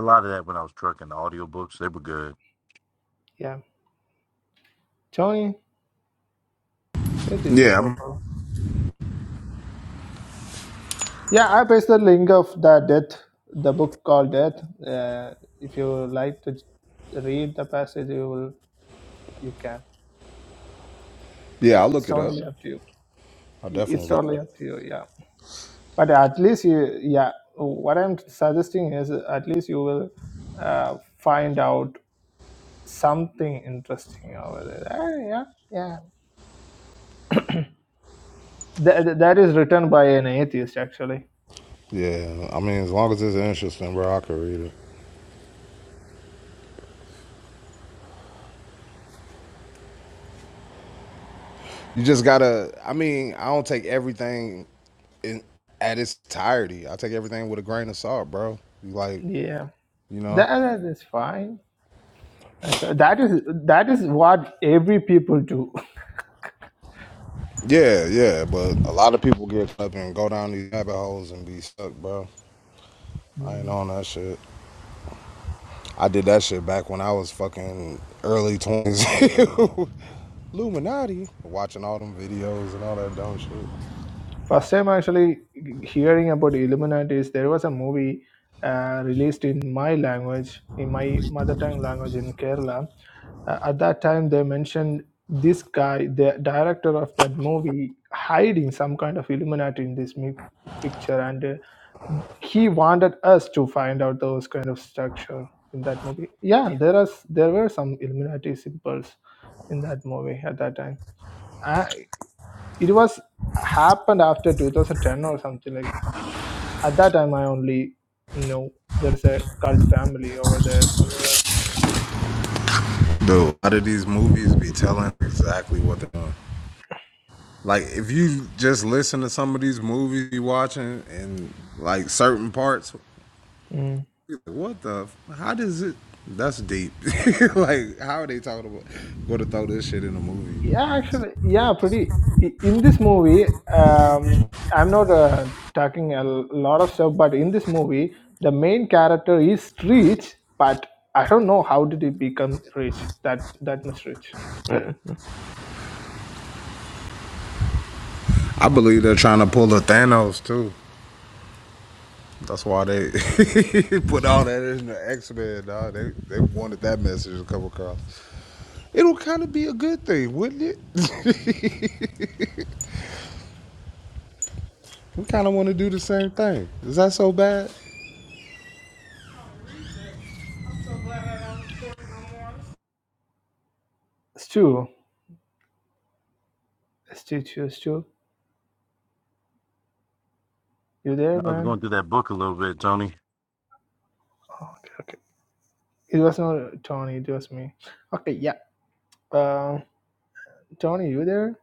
yeah tony where did you yeah, go bro yeah i paste the link of the death the book called death uh, if you like to read the passage you will you can yeah. i it's look it up. totally up to you i it's definitely look it totally up. up to you yeah but at least you yeah what i'm suggesting is at least you will uh, find out something interesting over there Ah, yeah yeah That that is written by an atheist actually Yeah, I mean, as long as it's interesting, bro, I can read it. You just gotta. I mean, I don't take everything in, at its entirety. I take everything with a grain of salt, bro. Like, yeah you know. that that is fine actually that is that is what every people do Yeah, yeah, but a lot of people get up and go down these rabbit holes and be stuck, bro. I ain't on that shit. I did that shit back when I was fucking early 20s. Illuminati. Watching all them videos and all that dumb shit. First time actually hearing about Illuminatis, there was a movie uh, released in my language, in my mother tongue language in Kerala. Uh, at that time, they mentioned this guy, the director of that movie, hiding some kind of Illuminati in this mi- picture, and uh, he wanted us to find out those kind of structure in that movie. Yeah, there are s- there were some Illuminati symbols in that movie at that time. Uh, it was happened after 2010 or something like that. At that time, I only know there's a cult family over there somewhere else. Dude, a lot of these movies be telling exactly what they're doing. Like, if you just listen to some of these movies you watching and like certain parts, Mm. like, what the? How does it? That's deep. like, how are they talking about? Go to throw this shit in a movie. Yeah, actually, yeah, pretty. i- In this movie, um, I'm not uh, talking a l- lot of stuff, but in this movie, the main character is rich, but I don't know how did he become rich that that much rich. Yeah. I believe they're trying to pull a Thanos too. That's why they put all that in the X Men. Dog, they they wanted that message to come across. It'll kind of be a good thing, wouldn't it? We kind of want to do the same thing. Is that so bad? Stu, Stu, Stu, Stu, you there, man? Oh, okay, okay. It was not Tony, it was me. Okay, yeah. Uh, Tony, you there?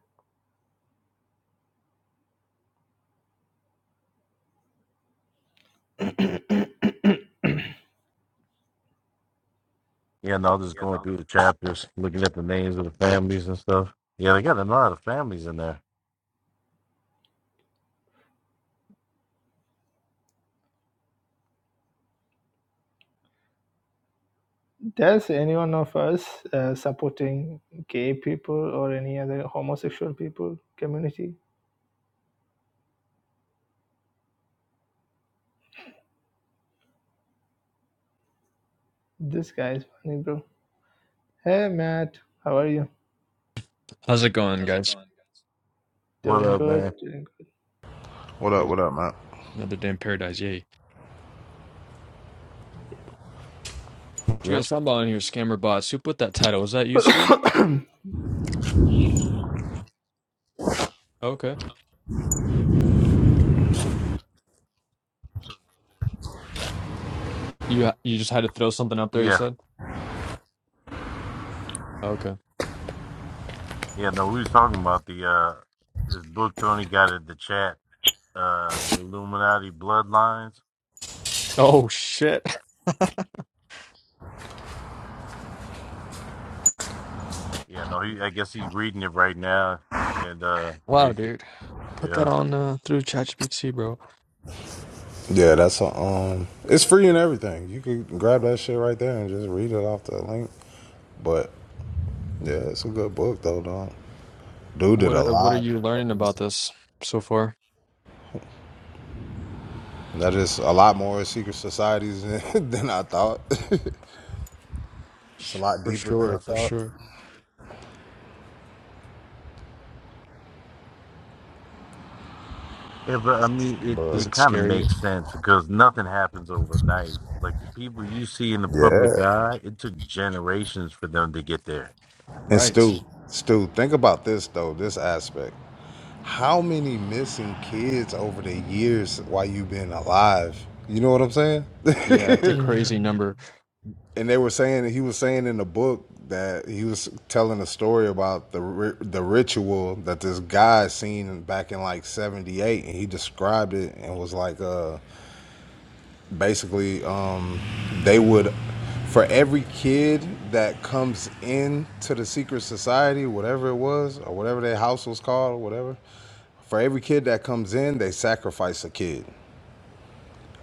Does anyone of us uh, supporting gay people or any other homosexual people community? This guy is funny, bro. Hey, Matt, how are you? How's it going, guys? Doing good. Doing What up? Good. What up, man? Another day in paradise, yay. You guys talking about on here, scammer bots. Who put that title? Was that you, Stu? Okay. You you just had to throw something up there, you said? Okay. Oh shit. Wow, dude. Put that on uh, through ChatGPT, bro. Yeah, that's a, um. It's free and everything. You can grab that shit right there and just read it off the link. But yeah, it's a good book though, dog. Dude did a What uh, what are lot you of learning about research. this so far? That is a lot more secret societies than I thought. it's a Sh- lot For deeper than sure, I for thought. sure. Does But it scare you? Yeah. And Right. Stu, Stu, think about this though, this aspect. How many missing kids over the years while you've been alive? You know what I'm saying? Yeah, it's good. a Mm. crazy number. and they were saying he was saying in the book that he was telling a story about the ri- the ritual that this guy seen back in like 78 and he described it and was like uh basically um, they would for every kid that comes in to the secret society whatever it was or whatever their house was called or whatever for every kid that comes in they sacrifice a kid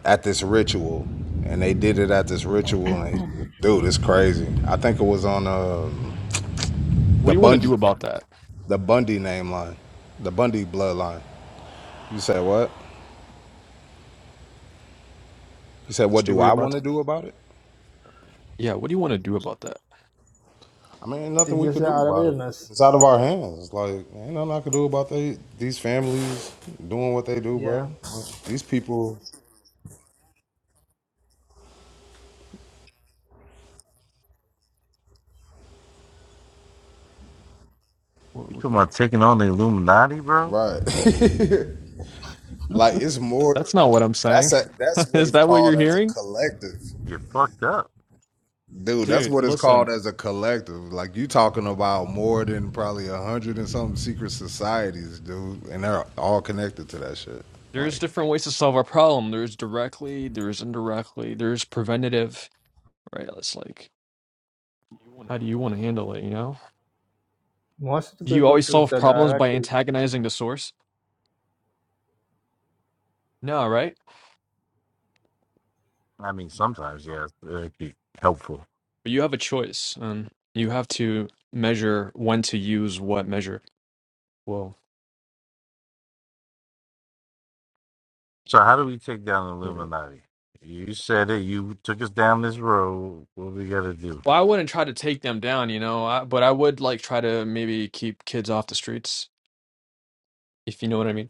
at this ritual and they did it at this ritual and they, dude it's crazy i think it was on uh, What the do you want to bundy do about that? the bundy name line the bundy bloodline you said what you said what Stu, do were you i about want to- to do about it Yeah, what do you want to do about that? I mean, ain't nothing It's we just could do our about it. awareness. It's out of our hands. like ain't nothing I could do about they these families doing what they do, Yeah, bro. These people, What we could call? right? like it's That's more. not what I'm That's saying. a that's what Is it's that what you're called as a hearing? collective, dude. That's Dude, what it's called listen, as a collective. Like you talking about more than probably a hundred and something secret societies, dude, and they're all connected to that shit. there's Like. different ways to solve our problem. There's directly, there's indirectly, there's preventative, right? It's like, how do you want to handle it, you know? most of Do the you people always choose solve that problems by directly. antagonizing the source? No, right? But you have a choice. Um, you have to measure when to use what measure. Well, you know. Well, I wouldn't try to take them down, you know, I, but I would like try to maybe keep kids off the streets, if you know what I mean.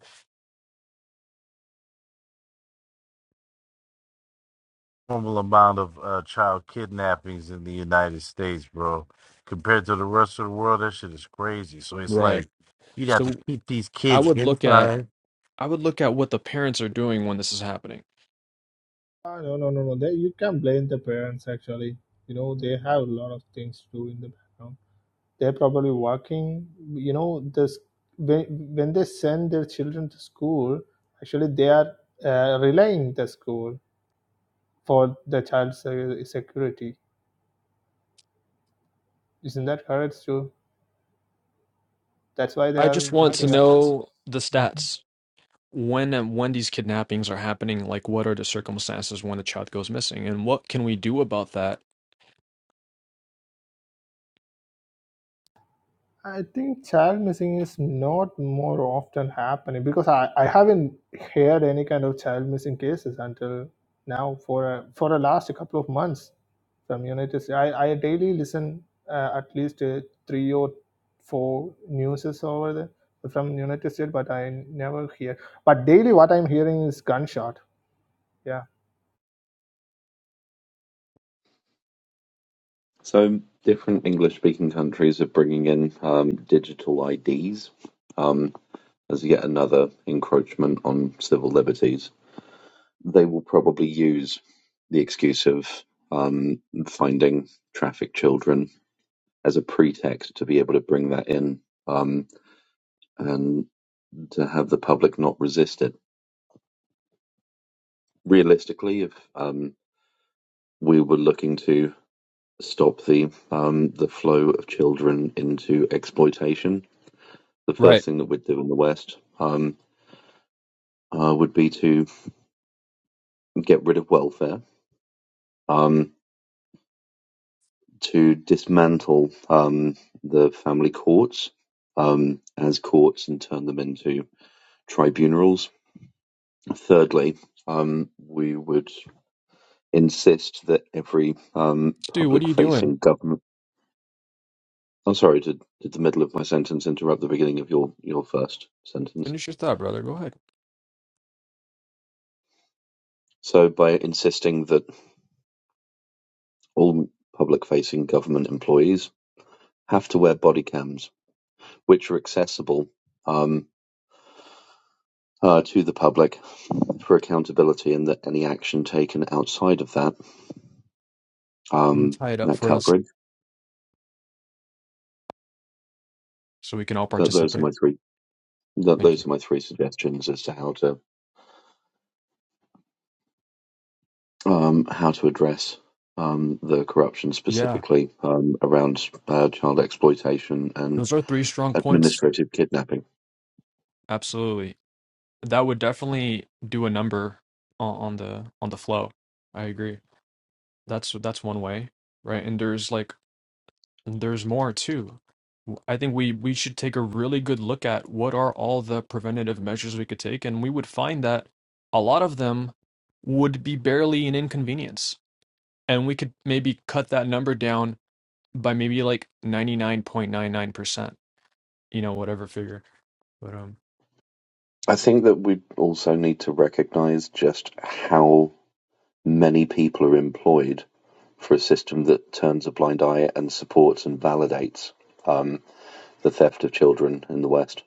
Right. So I would look at I would look at what the parents are doing when this is happening. Ah, no, no, no, no. They, you can blame the parents actually. You know, they have a lot of things to do in the background. they're probably working you know this when, when they send their children to school actually they are uh, relying the school for the child's uh, security isn't that correct too that's why they I are just I want looking to just after want know the Mhm. stats when and when these kidnappings are happening. Like, what are the circumstances when the child goes missing, and what can we do about that? I think child missing is not more often happening because I, I haven't heard any kind of child missing cases until now for a, for the last couple of months from United States. I, I daily listen uh, at least uh, three or four newses over the from United States, but I never hear. But daily, what I'm hearing is gunshot. Yeah, So different English-speaking countries are bringing in um, digital IDs um, as yet another encroachment on civil liberties. They will probably use the excuse of um, finding trafficked children as a pretext to be able to bring that in um, and to have the public not resist it. Realistically, if um, we were looking to stop the um, the flow of children into exploitation, the first Right, thing that we'd do in the West um, uh, would be to get rid of welfare, um, to dismantle um, the family courts um, as courts and turn them into tribunals. Thirdly, um, we would insist that every um, Stu, what are public you doing? facing government. I'm sorry, did, did the middle of my sentence interrupt the beginning of your, your first sentence? Finish your thought, brother. Go ahead. So, by insisting that all public facing government employees have to wear body cams which are accessible um, uh, to the public for accountability and that any action taken outside of that You um, tie it up that for us coverage. so we can all That those are participate. my three. That Thank those you. are my three suggestions as to how to um, how to address um, the corruption Yeah, specifically um, around uh, child exploitation and those are three strong points. administrative kidnapping. Absolutely, that would definitely do a number on, on the on the flow. I agree. That's that's one way, right? And there's like There's more too. I think we we should take a really good look at what are all the preventative measures we could take, and we would find that a lot of them would be barely an inconvenience, and we could maybe cut that number down by maybe like 99.99%, you know, whatever figure. But um, I think that we also need to recognise just how many people are employed for a system that turns a blind eye and supports and validates um, the theft of children in the West.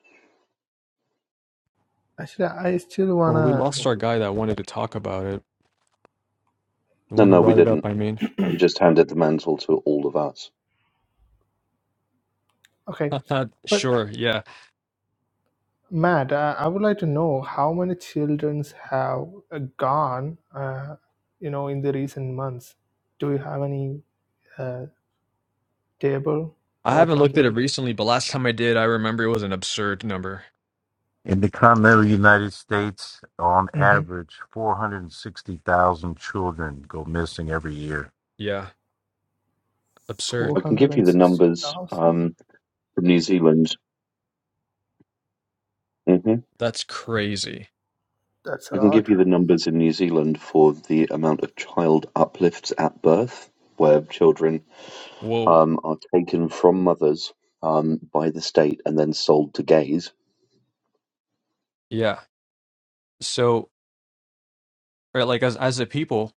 actually, I still well, we wanna. lost our guy that wanted to talk about it, the No, one who no, we brought it up. didn't. I mean, He just handed the mantle to all of us. Okay, not but. sure. Yeah, Matt, uh, I would like to know how many children have uh, gone, uh, you know, in the recent months. Do you have any uh, table I or haven't looked at it something? recently, but last time I did, I remember it was an absurd number. Mm-hmm. Yeah, absurd. I can give you the numbers 460,000? um, from New Zealand. hmm That's crazy. That's a I can lot. give you the numbers in New Zealand for the amount of child uplifts at birth, where children Whoa. um, are taken from mothers um, by the state and then sold to gays. Yeah. So, right, like as as a people,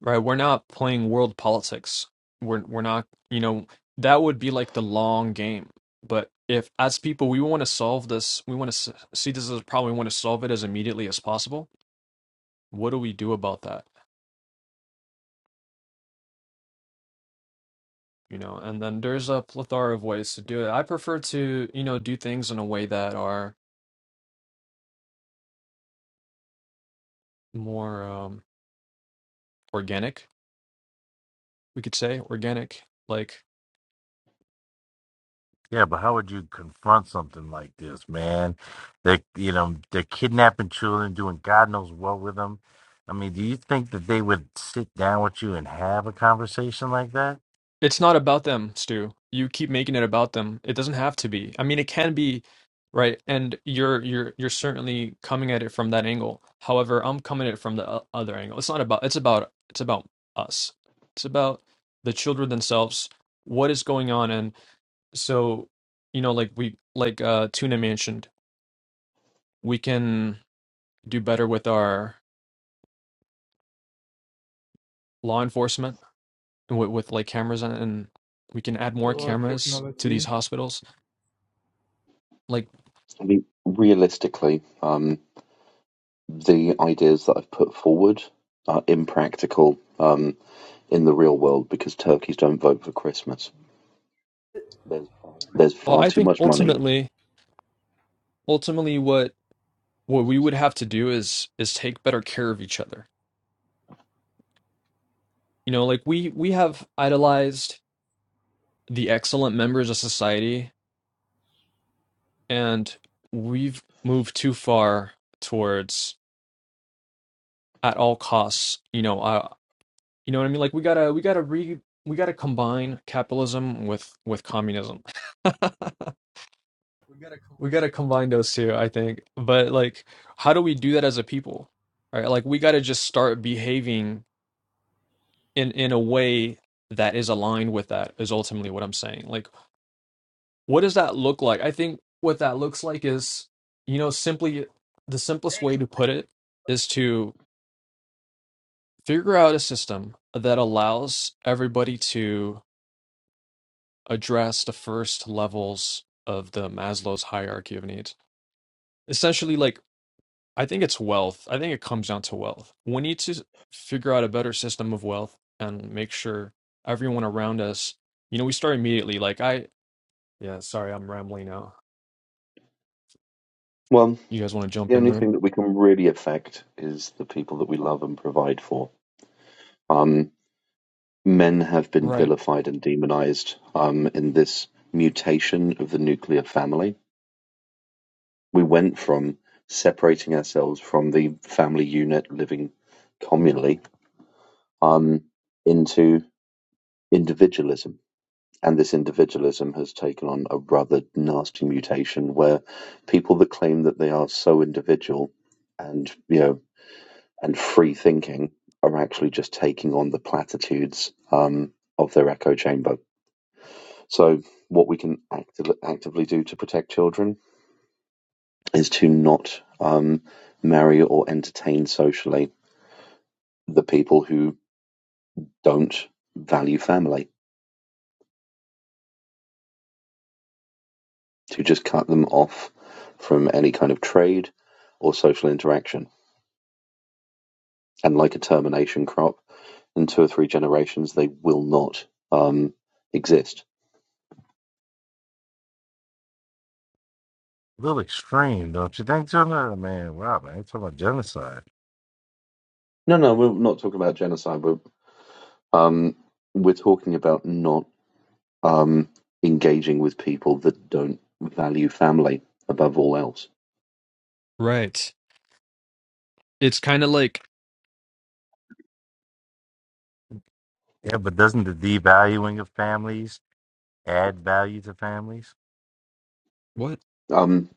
right, we're not playing world politics. We're we're not, you know, that would be like the long game. But if as people we want to solve this, we want to see this as a problem, we want to solve it as immediately as possible. What do we do about that? You know, and then there's a plethora of ways to do it. I prefer to, you know, do things in a way that are more um organic, we could say, organic. Like It's not about them, Stu. You keep making it about them. It doesn't have to be. I mean, it can be, right? And you're you're you're certainly coming at it from that angle. However, I'm coming at it from the o- other angle. It's not about it's about it's about us. It's about the children themselves. What is going on? And so, you know, like we like uh Tuna mentioned, we can do better with our law enforcement with, with like cameras and and we can add more Or cameras to technology. these hospitals like. I mean, realistically, um, the ideas that I've put forward are impractical um, in the real world because turkeys don't vote for Christmas. There's Well, far I too think much money. ultimately, ultimately, what what we would have to do is is take better care of each other. You know, like we we have idolized the excellent members of society, and we've moved too far towards at all costs. You know, uh, you know what I mean? Like we gotta we gotta re we gotta combine capitalism with with communism. We gotta combine those two, I think. But like, how do we do that as a people? Right? Like we gotta just start behaving in in a way that is aligned with that is ultimately what I'm saying. Like, what does that look like? I think what that looks like is, you know, simply the simplest way to put it is to figure out a system that allows everybody to address the first levels of the Maslow's hierarchy of needs. Essentially, like, I think it's wealth. I think it comes down to wealth. We need to figure out a better system of wealth and make sure everyone around us you know we start immediately like i Yeah, sorry, I'm rambling now. Well, You guys want to jump the in only there? thing that we can really affect is the people that we love and provide for. Um, men have been Right. vilified and demonized um, in this mutation of the nuclear family. We went from separating ourselves from the family unit living communally um, into individualism And this individualism has taken on a rather nasty mutation where people that claim that they are so individual and, you know, and free thinking are actually just taking on the platitudes um, of their echo chamber. So, what we can acti- actively do to protect children is to not um, marry or entertain socially the people who don't value family, to just cut them off from any kind of trade or social interaction and like a termination crop, in two or three generations, they will not um, exist. No, no, we're not talking about genocide. We're, um, we're talking about not um, engaging with people that don't value family above all else. Right. It's kind of like what? Um,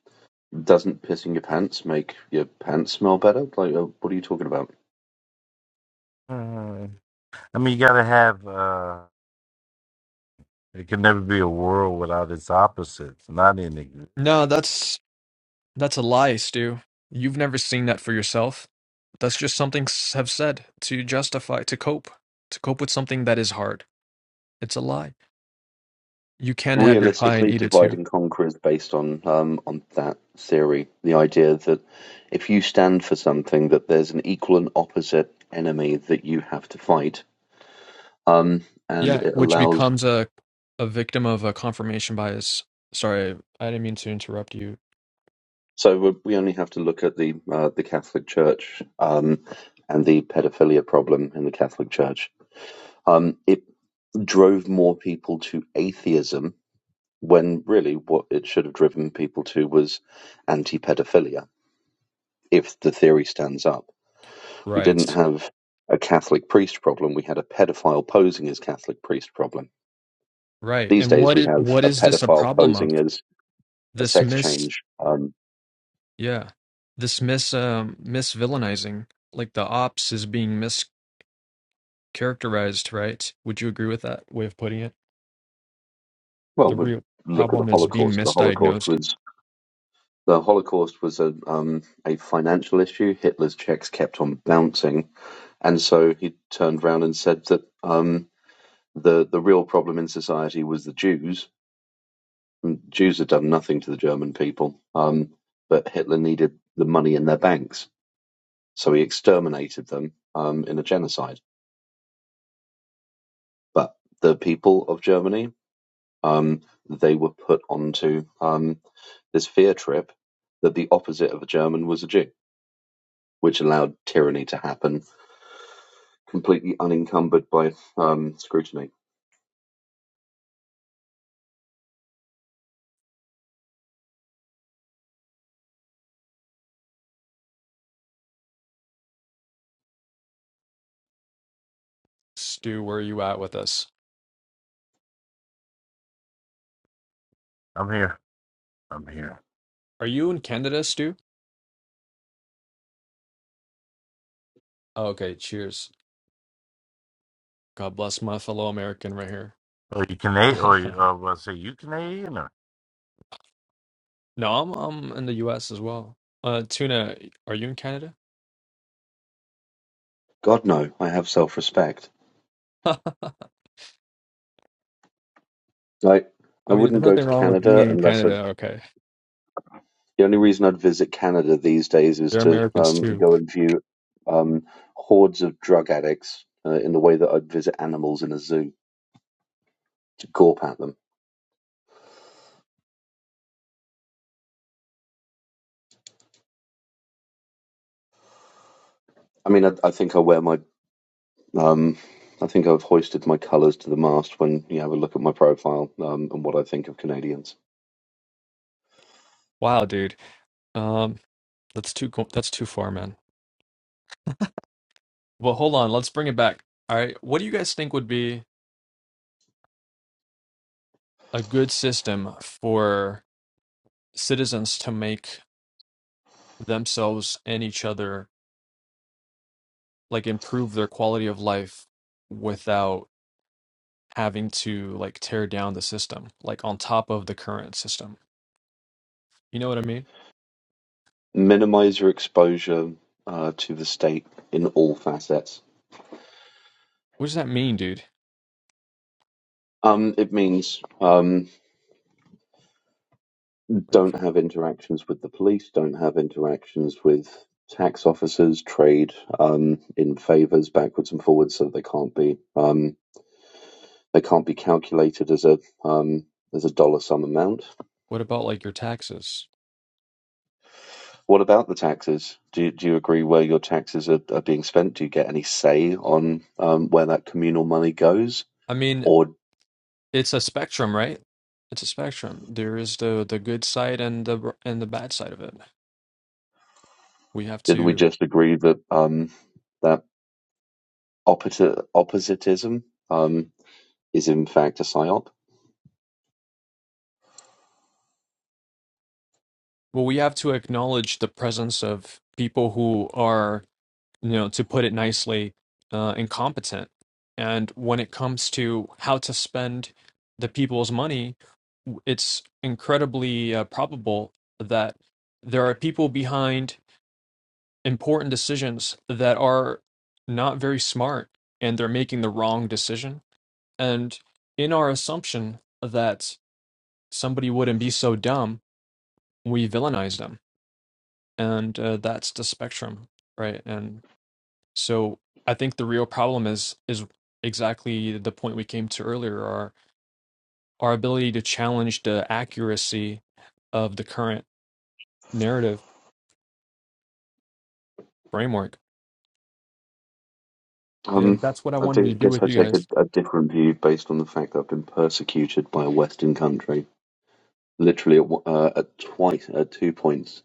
doesn't pissing your pants make your pants smell better? Like, uh, what are you talking about? No, that's that's a lie, Stu. You've never seen that for yourself. That's just something s- have said to justify, to cope, to cope with something that is hard. It's a lie. You can have your pie and realistically, eat it divide too. and conquer is based on um, on that theory. The idea that if you stand for something, that there's an equal and opposite enemy that you have to fight, um, and Yeah, it which allows. becomes a a victim of a confirmation bias. Sorry, I didn't mean to interrupt you. So we we only have to look at the uh, the Catholic Church um, and the pedophilia problem in the Catholic Church. Um, it drove more people to atheism when really what it should have driven people to was anti-pedophilia if the theory stands up We didn't Right. have a Catholic priest problem. We had a pedophile posing as Catholic priest problem. Right. These And days, what we is have what a is this a pedophile problem of? posing as a sex This change. Um, Yeah. This mis um misvillainizing, like the ops is being mischaracterized, right? Would you agree with that way of putting it? well, The we real look at the problem is being Holocaust. The Holocaust misdiagnosed. was the Holocaust was a um, a financial issue. Hitler's checks kept on bouncing, and so he turned round and said that um, the the real problem in society was the Jews. Jews had done nothing to the German people, um, but Hitler needed the money in their banks So he exterminated them um, in a genocide. But the people of Germany, um, they were put onto um, this fear trip that the opposite of a German was a Jew, which allowed tyranny to happen completely unencumbered by um, scrutiny. Stu, where are you at with us? Are you in Canada, Stu? Oh, Okay, cheers. God bless my fellow American right here. No, I'm I'm in the US as well. Uh, Tuna, are you in Canada? God, no, I have self respect. I Like, I mean, wouldn't there's go nothing to wrong with being Canada in unless i Canada. Okay, the only reason I'd visit Canada these days is they're to Americans um, too. go and view um, hordes of drug addicts uh, in the way that I'd visit animals in a zoo. to gawp at them. I mean, I, I think I wear my, um, I think I've hoisted my colours to the mast when you have a look at my profile um, and what I think of Canadians. Wow, dude. Um, that's too co- that's too far, man. Well, hold on. Let's bring it back. All right. What do you guys think would be a good system for citizens to make themselves and each other like improve their quality of life without having to like tear down the system, like on top of the current system? You know what I mean? Minimise your exposure uh, to the state in all facets. What does that mean, dude? Um, it means um, Like, don't have interactions with the police, don't have interactions with tax officers, trade um, in favours backwards and forwards, so they can't be um, they can't be calculated as a um, as a dollar sum amount what about like your taxes? What about the taxes? Do you, do you agree where your taxes are, are being spent? Do you get any say on um, where that communal money goes? I mean, Or it's a spectrum, right? It's a spectrum. There is the the good side and the and the bad side of it. We have didn't we to. just agree that um, that opposi- oppositism um, is in fact a psyop? Well, we have to acknowledge the presence of people who are, you know, to put it nicely, uh, incompetent. And when it comes to how to spend the people's money, w- it's incredibly uh, probable that there are people behind important decisions that are not very smart and they're making the wrong decision. And in our assumption that somebody wouldn't be so dumb, we villainize them and uh, that's the spectrum right and so i think the real problem is is exactly the point we came to earlier our our ability to challenge the accuracy of the current narrative framework and Um, that's what i I wanted to think, do guess with I you take a, guys a different view based on the fact that I've been persecuted by a Western country, literally at, one- uh, at twice at two points.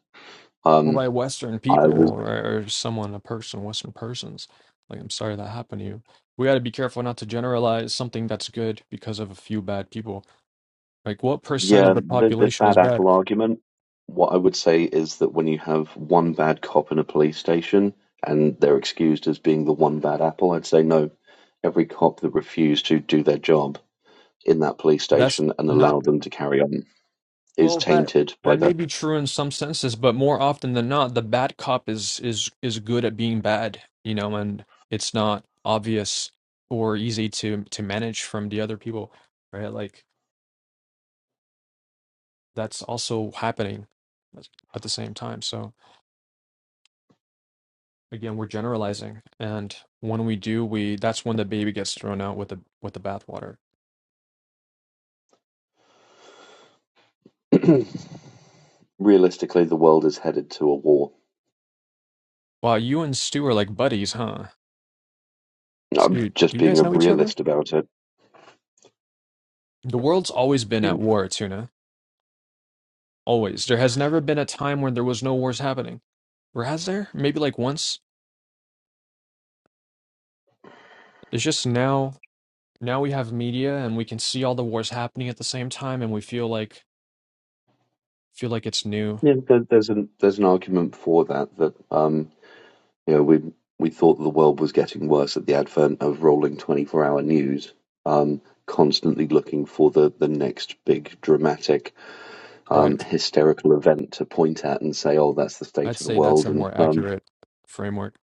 or Um, by western I people was or, or someone a person western persons like i'm sorry that happened to you we got to be careful not to generalize something that's good because of a few bad people like what percent Yeah, of the th this population is bad bad apple argument. What I would say is that when you have one bad cop in a police station and they're excused as being the one bad apple, I'd say no. Every cop that refused to do their job in that police that's station and not allowed them to carry on is Well, that tainted by that may that. be true in some senses, but more often than not, the bad cop is is is good at being bad, you know, and it's not obvious or easy to to manage from the other people, right? Like that's also happening at at the same time. So again, we're generalizing, and when we do, we that's when the baby gets thrown out with the with the bathwater. Realistically, the world is headed to a war. Wow, you and Stu are like buddies, huh? I'm Stu, do just you being guys a know each other? realist about it. The world's always been at You- war, Tuna. Always. There has never been a time when there was no wars happening. Or has there? Maybe like once. It's just now now we have media and we can see all the wars happening at the same time and we feel like feel like it's new. Yeah, there- there's an there's an argument for that that um, you know, we we thought the world was getting worse at the advent of rolling 24 hour news, um, constantly looking for the, the next big dramatic um, Right. hysterical event to point at and say, oh, that's the I'd state of the say that's world. a And more um, accurate framework.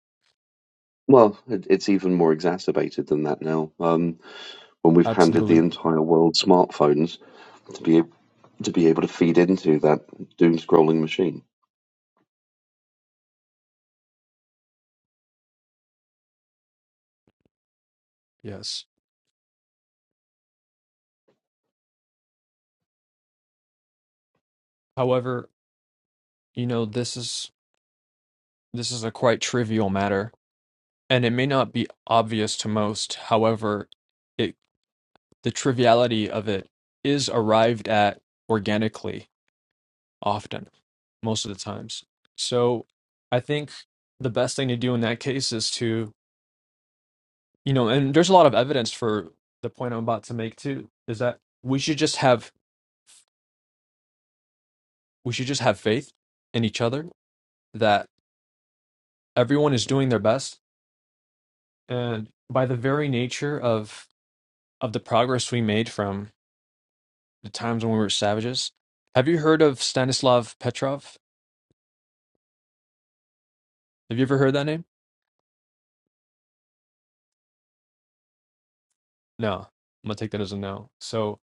well, it, it's even more exacerbated than that now um, when we've handed the Absolutely. entire world smartphones to be to be able to feed into that doom scrolling machine. Yes. However, you know, this is this is a quite trivial matter and it may not be obvious to most. However, it the triviality of it is arrived at organically often, most of the times. So I think the best thing to do in that case is to, you know, and there's a lot of evidence for the point I'm about to make too, is that we should just have we should just have faith in each other that everyone is doing their best and by the very nature of of the progress we made from the times when we were savages. Have you heard of Stanislav Petrov? Have you ever heard that name? No. I'm gonna take that as a no. So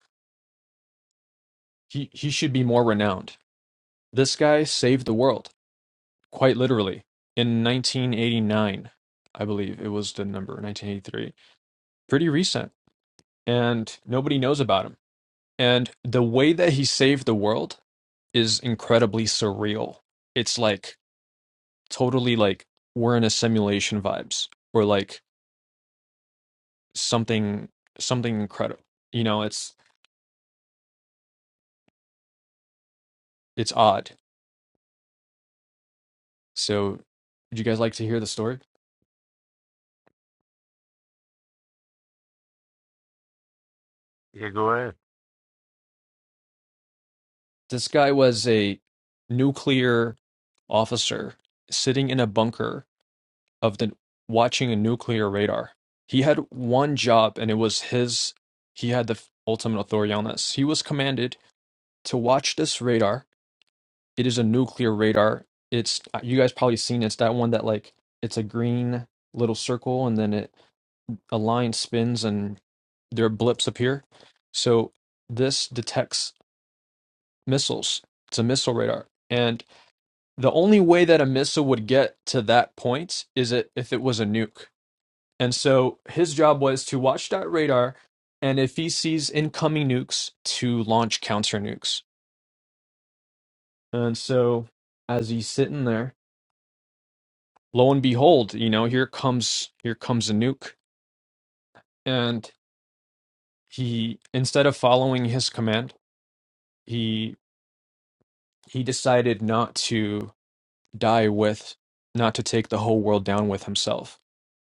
he he should be more renowned This guy saved the world, quite literally, in 1989. I believe it was the number, 1983. Pretty recent. And nobody knows about him. And the way that he saved the world is incredibly surreal. It's like totally like we're in a simulation vibes or like something something incredible. You know, it's it's odd. So would you guys like to hear the story? This guy was a nuclear officer sitting in a bunker of the watching a nuclear radar. He had one job and it was his he had the ultimate authority on this. He was commanded to watch this radar. It is a nuclear radar. It's you guys probably seen it. it's that one that like it's a green little circle and then it a line spins and there are blips appear. So this detects missiles. It's a missile radar. And the only way that a missile would get to that point is it if it was a nuke. And so his job was to watch that radar, and if he sees incoming nukes, to launch counter nukes. And so as he's sitting there, lo and behold, you know, here comes here comes a nuke, and he instead of following his command, he he decided not to die with, not to take the whole world down with himself.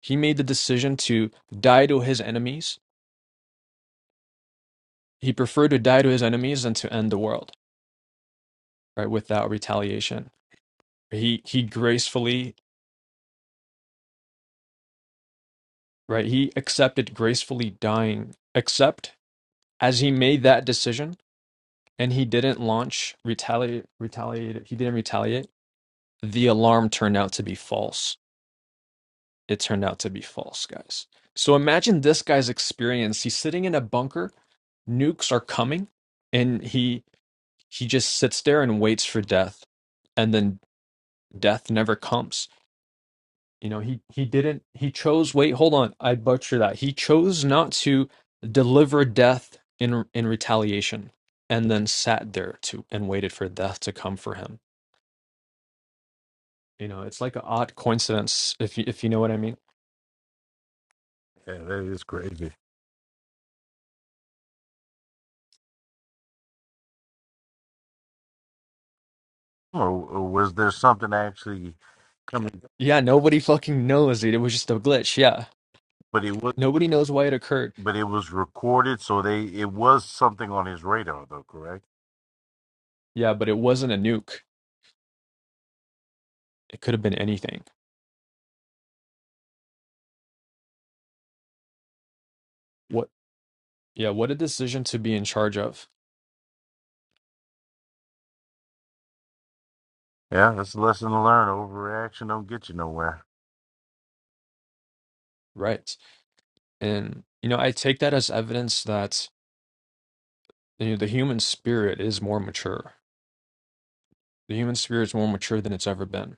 He made the decision to die to his enemies He preferred to die to his enemies than to end the world, right, without retaliation. He he gracefully, right, he accepted gracefully dying, except as he made that decision and he didn't launch retaliate retaliate he didn't retaliate. The alarm turned out to be false. It turned out to be false, guys. So imagine this guy's experience. He's sitting in a bunker, nukes are coming, and he he just sits there and waits for death, and then death never comes You know, he he didn't he chose wait, hold on, I butchered that. He chose not to deliver death in in retaliation and then sat there to and waited for death to come for him. You know, it's like an odd coincidence if you if you know what I mean. Yeah, nobody fucking knows, dude. It was just a glitch, yeah. Nobody knows why it occurred. Yeah, but it wasn't a nuke. It could have been anything. What yeah, what a decision to be in charge of. Right. And you know, I take that as evidence that you know, the human spirit is more mature. The human spirit is more mature than it's ever been.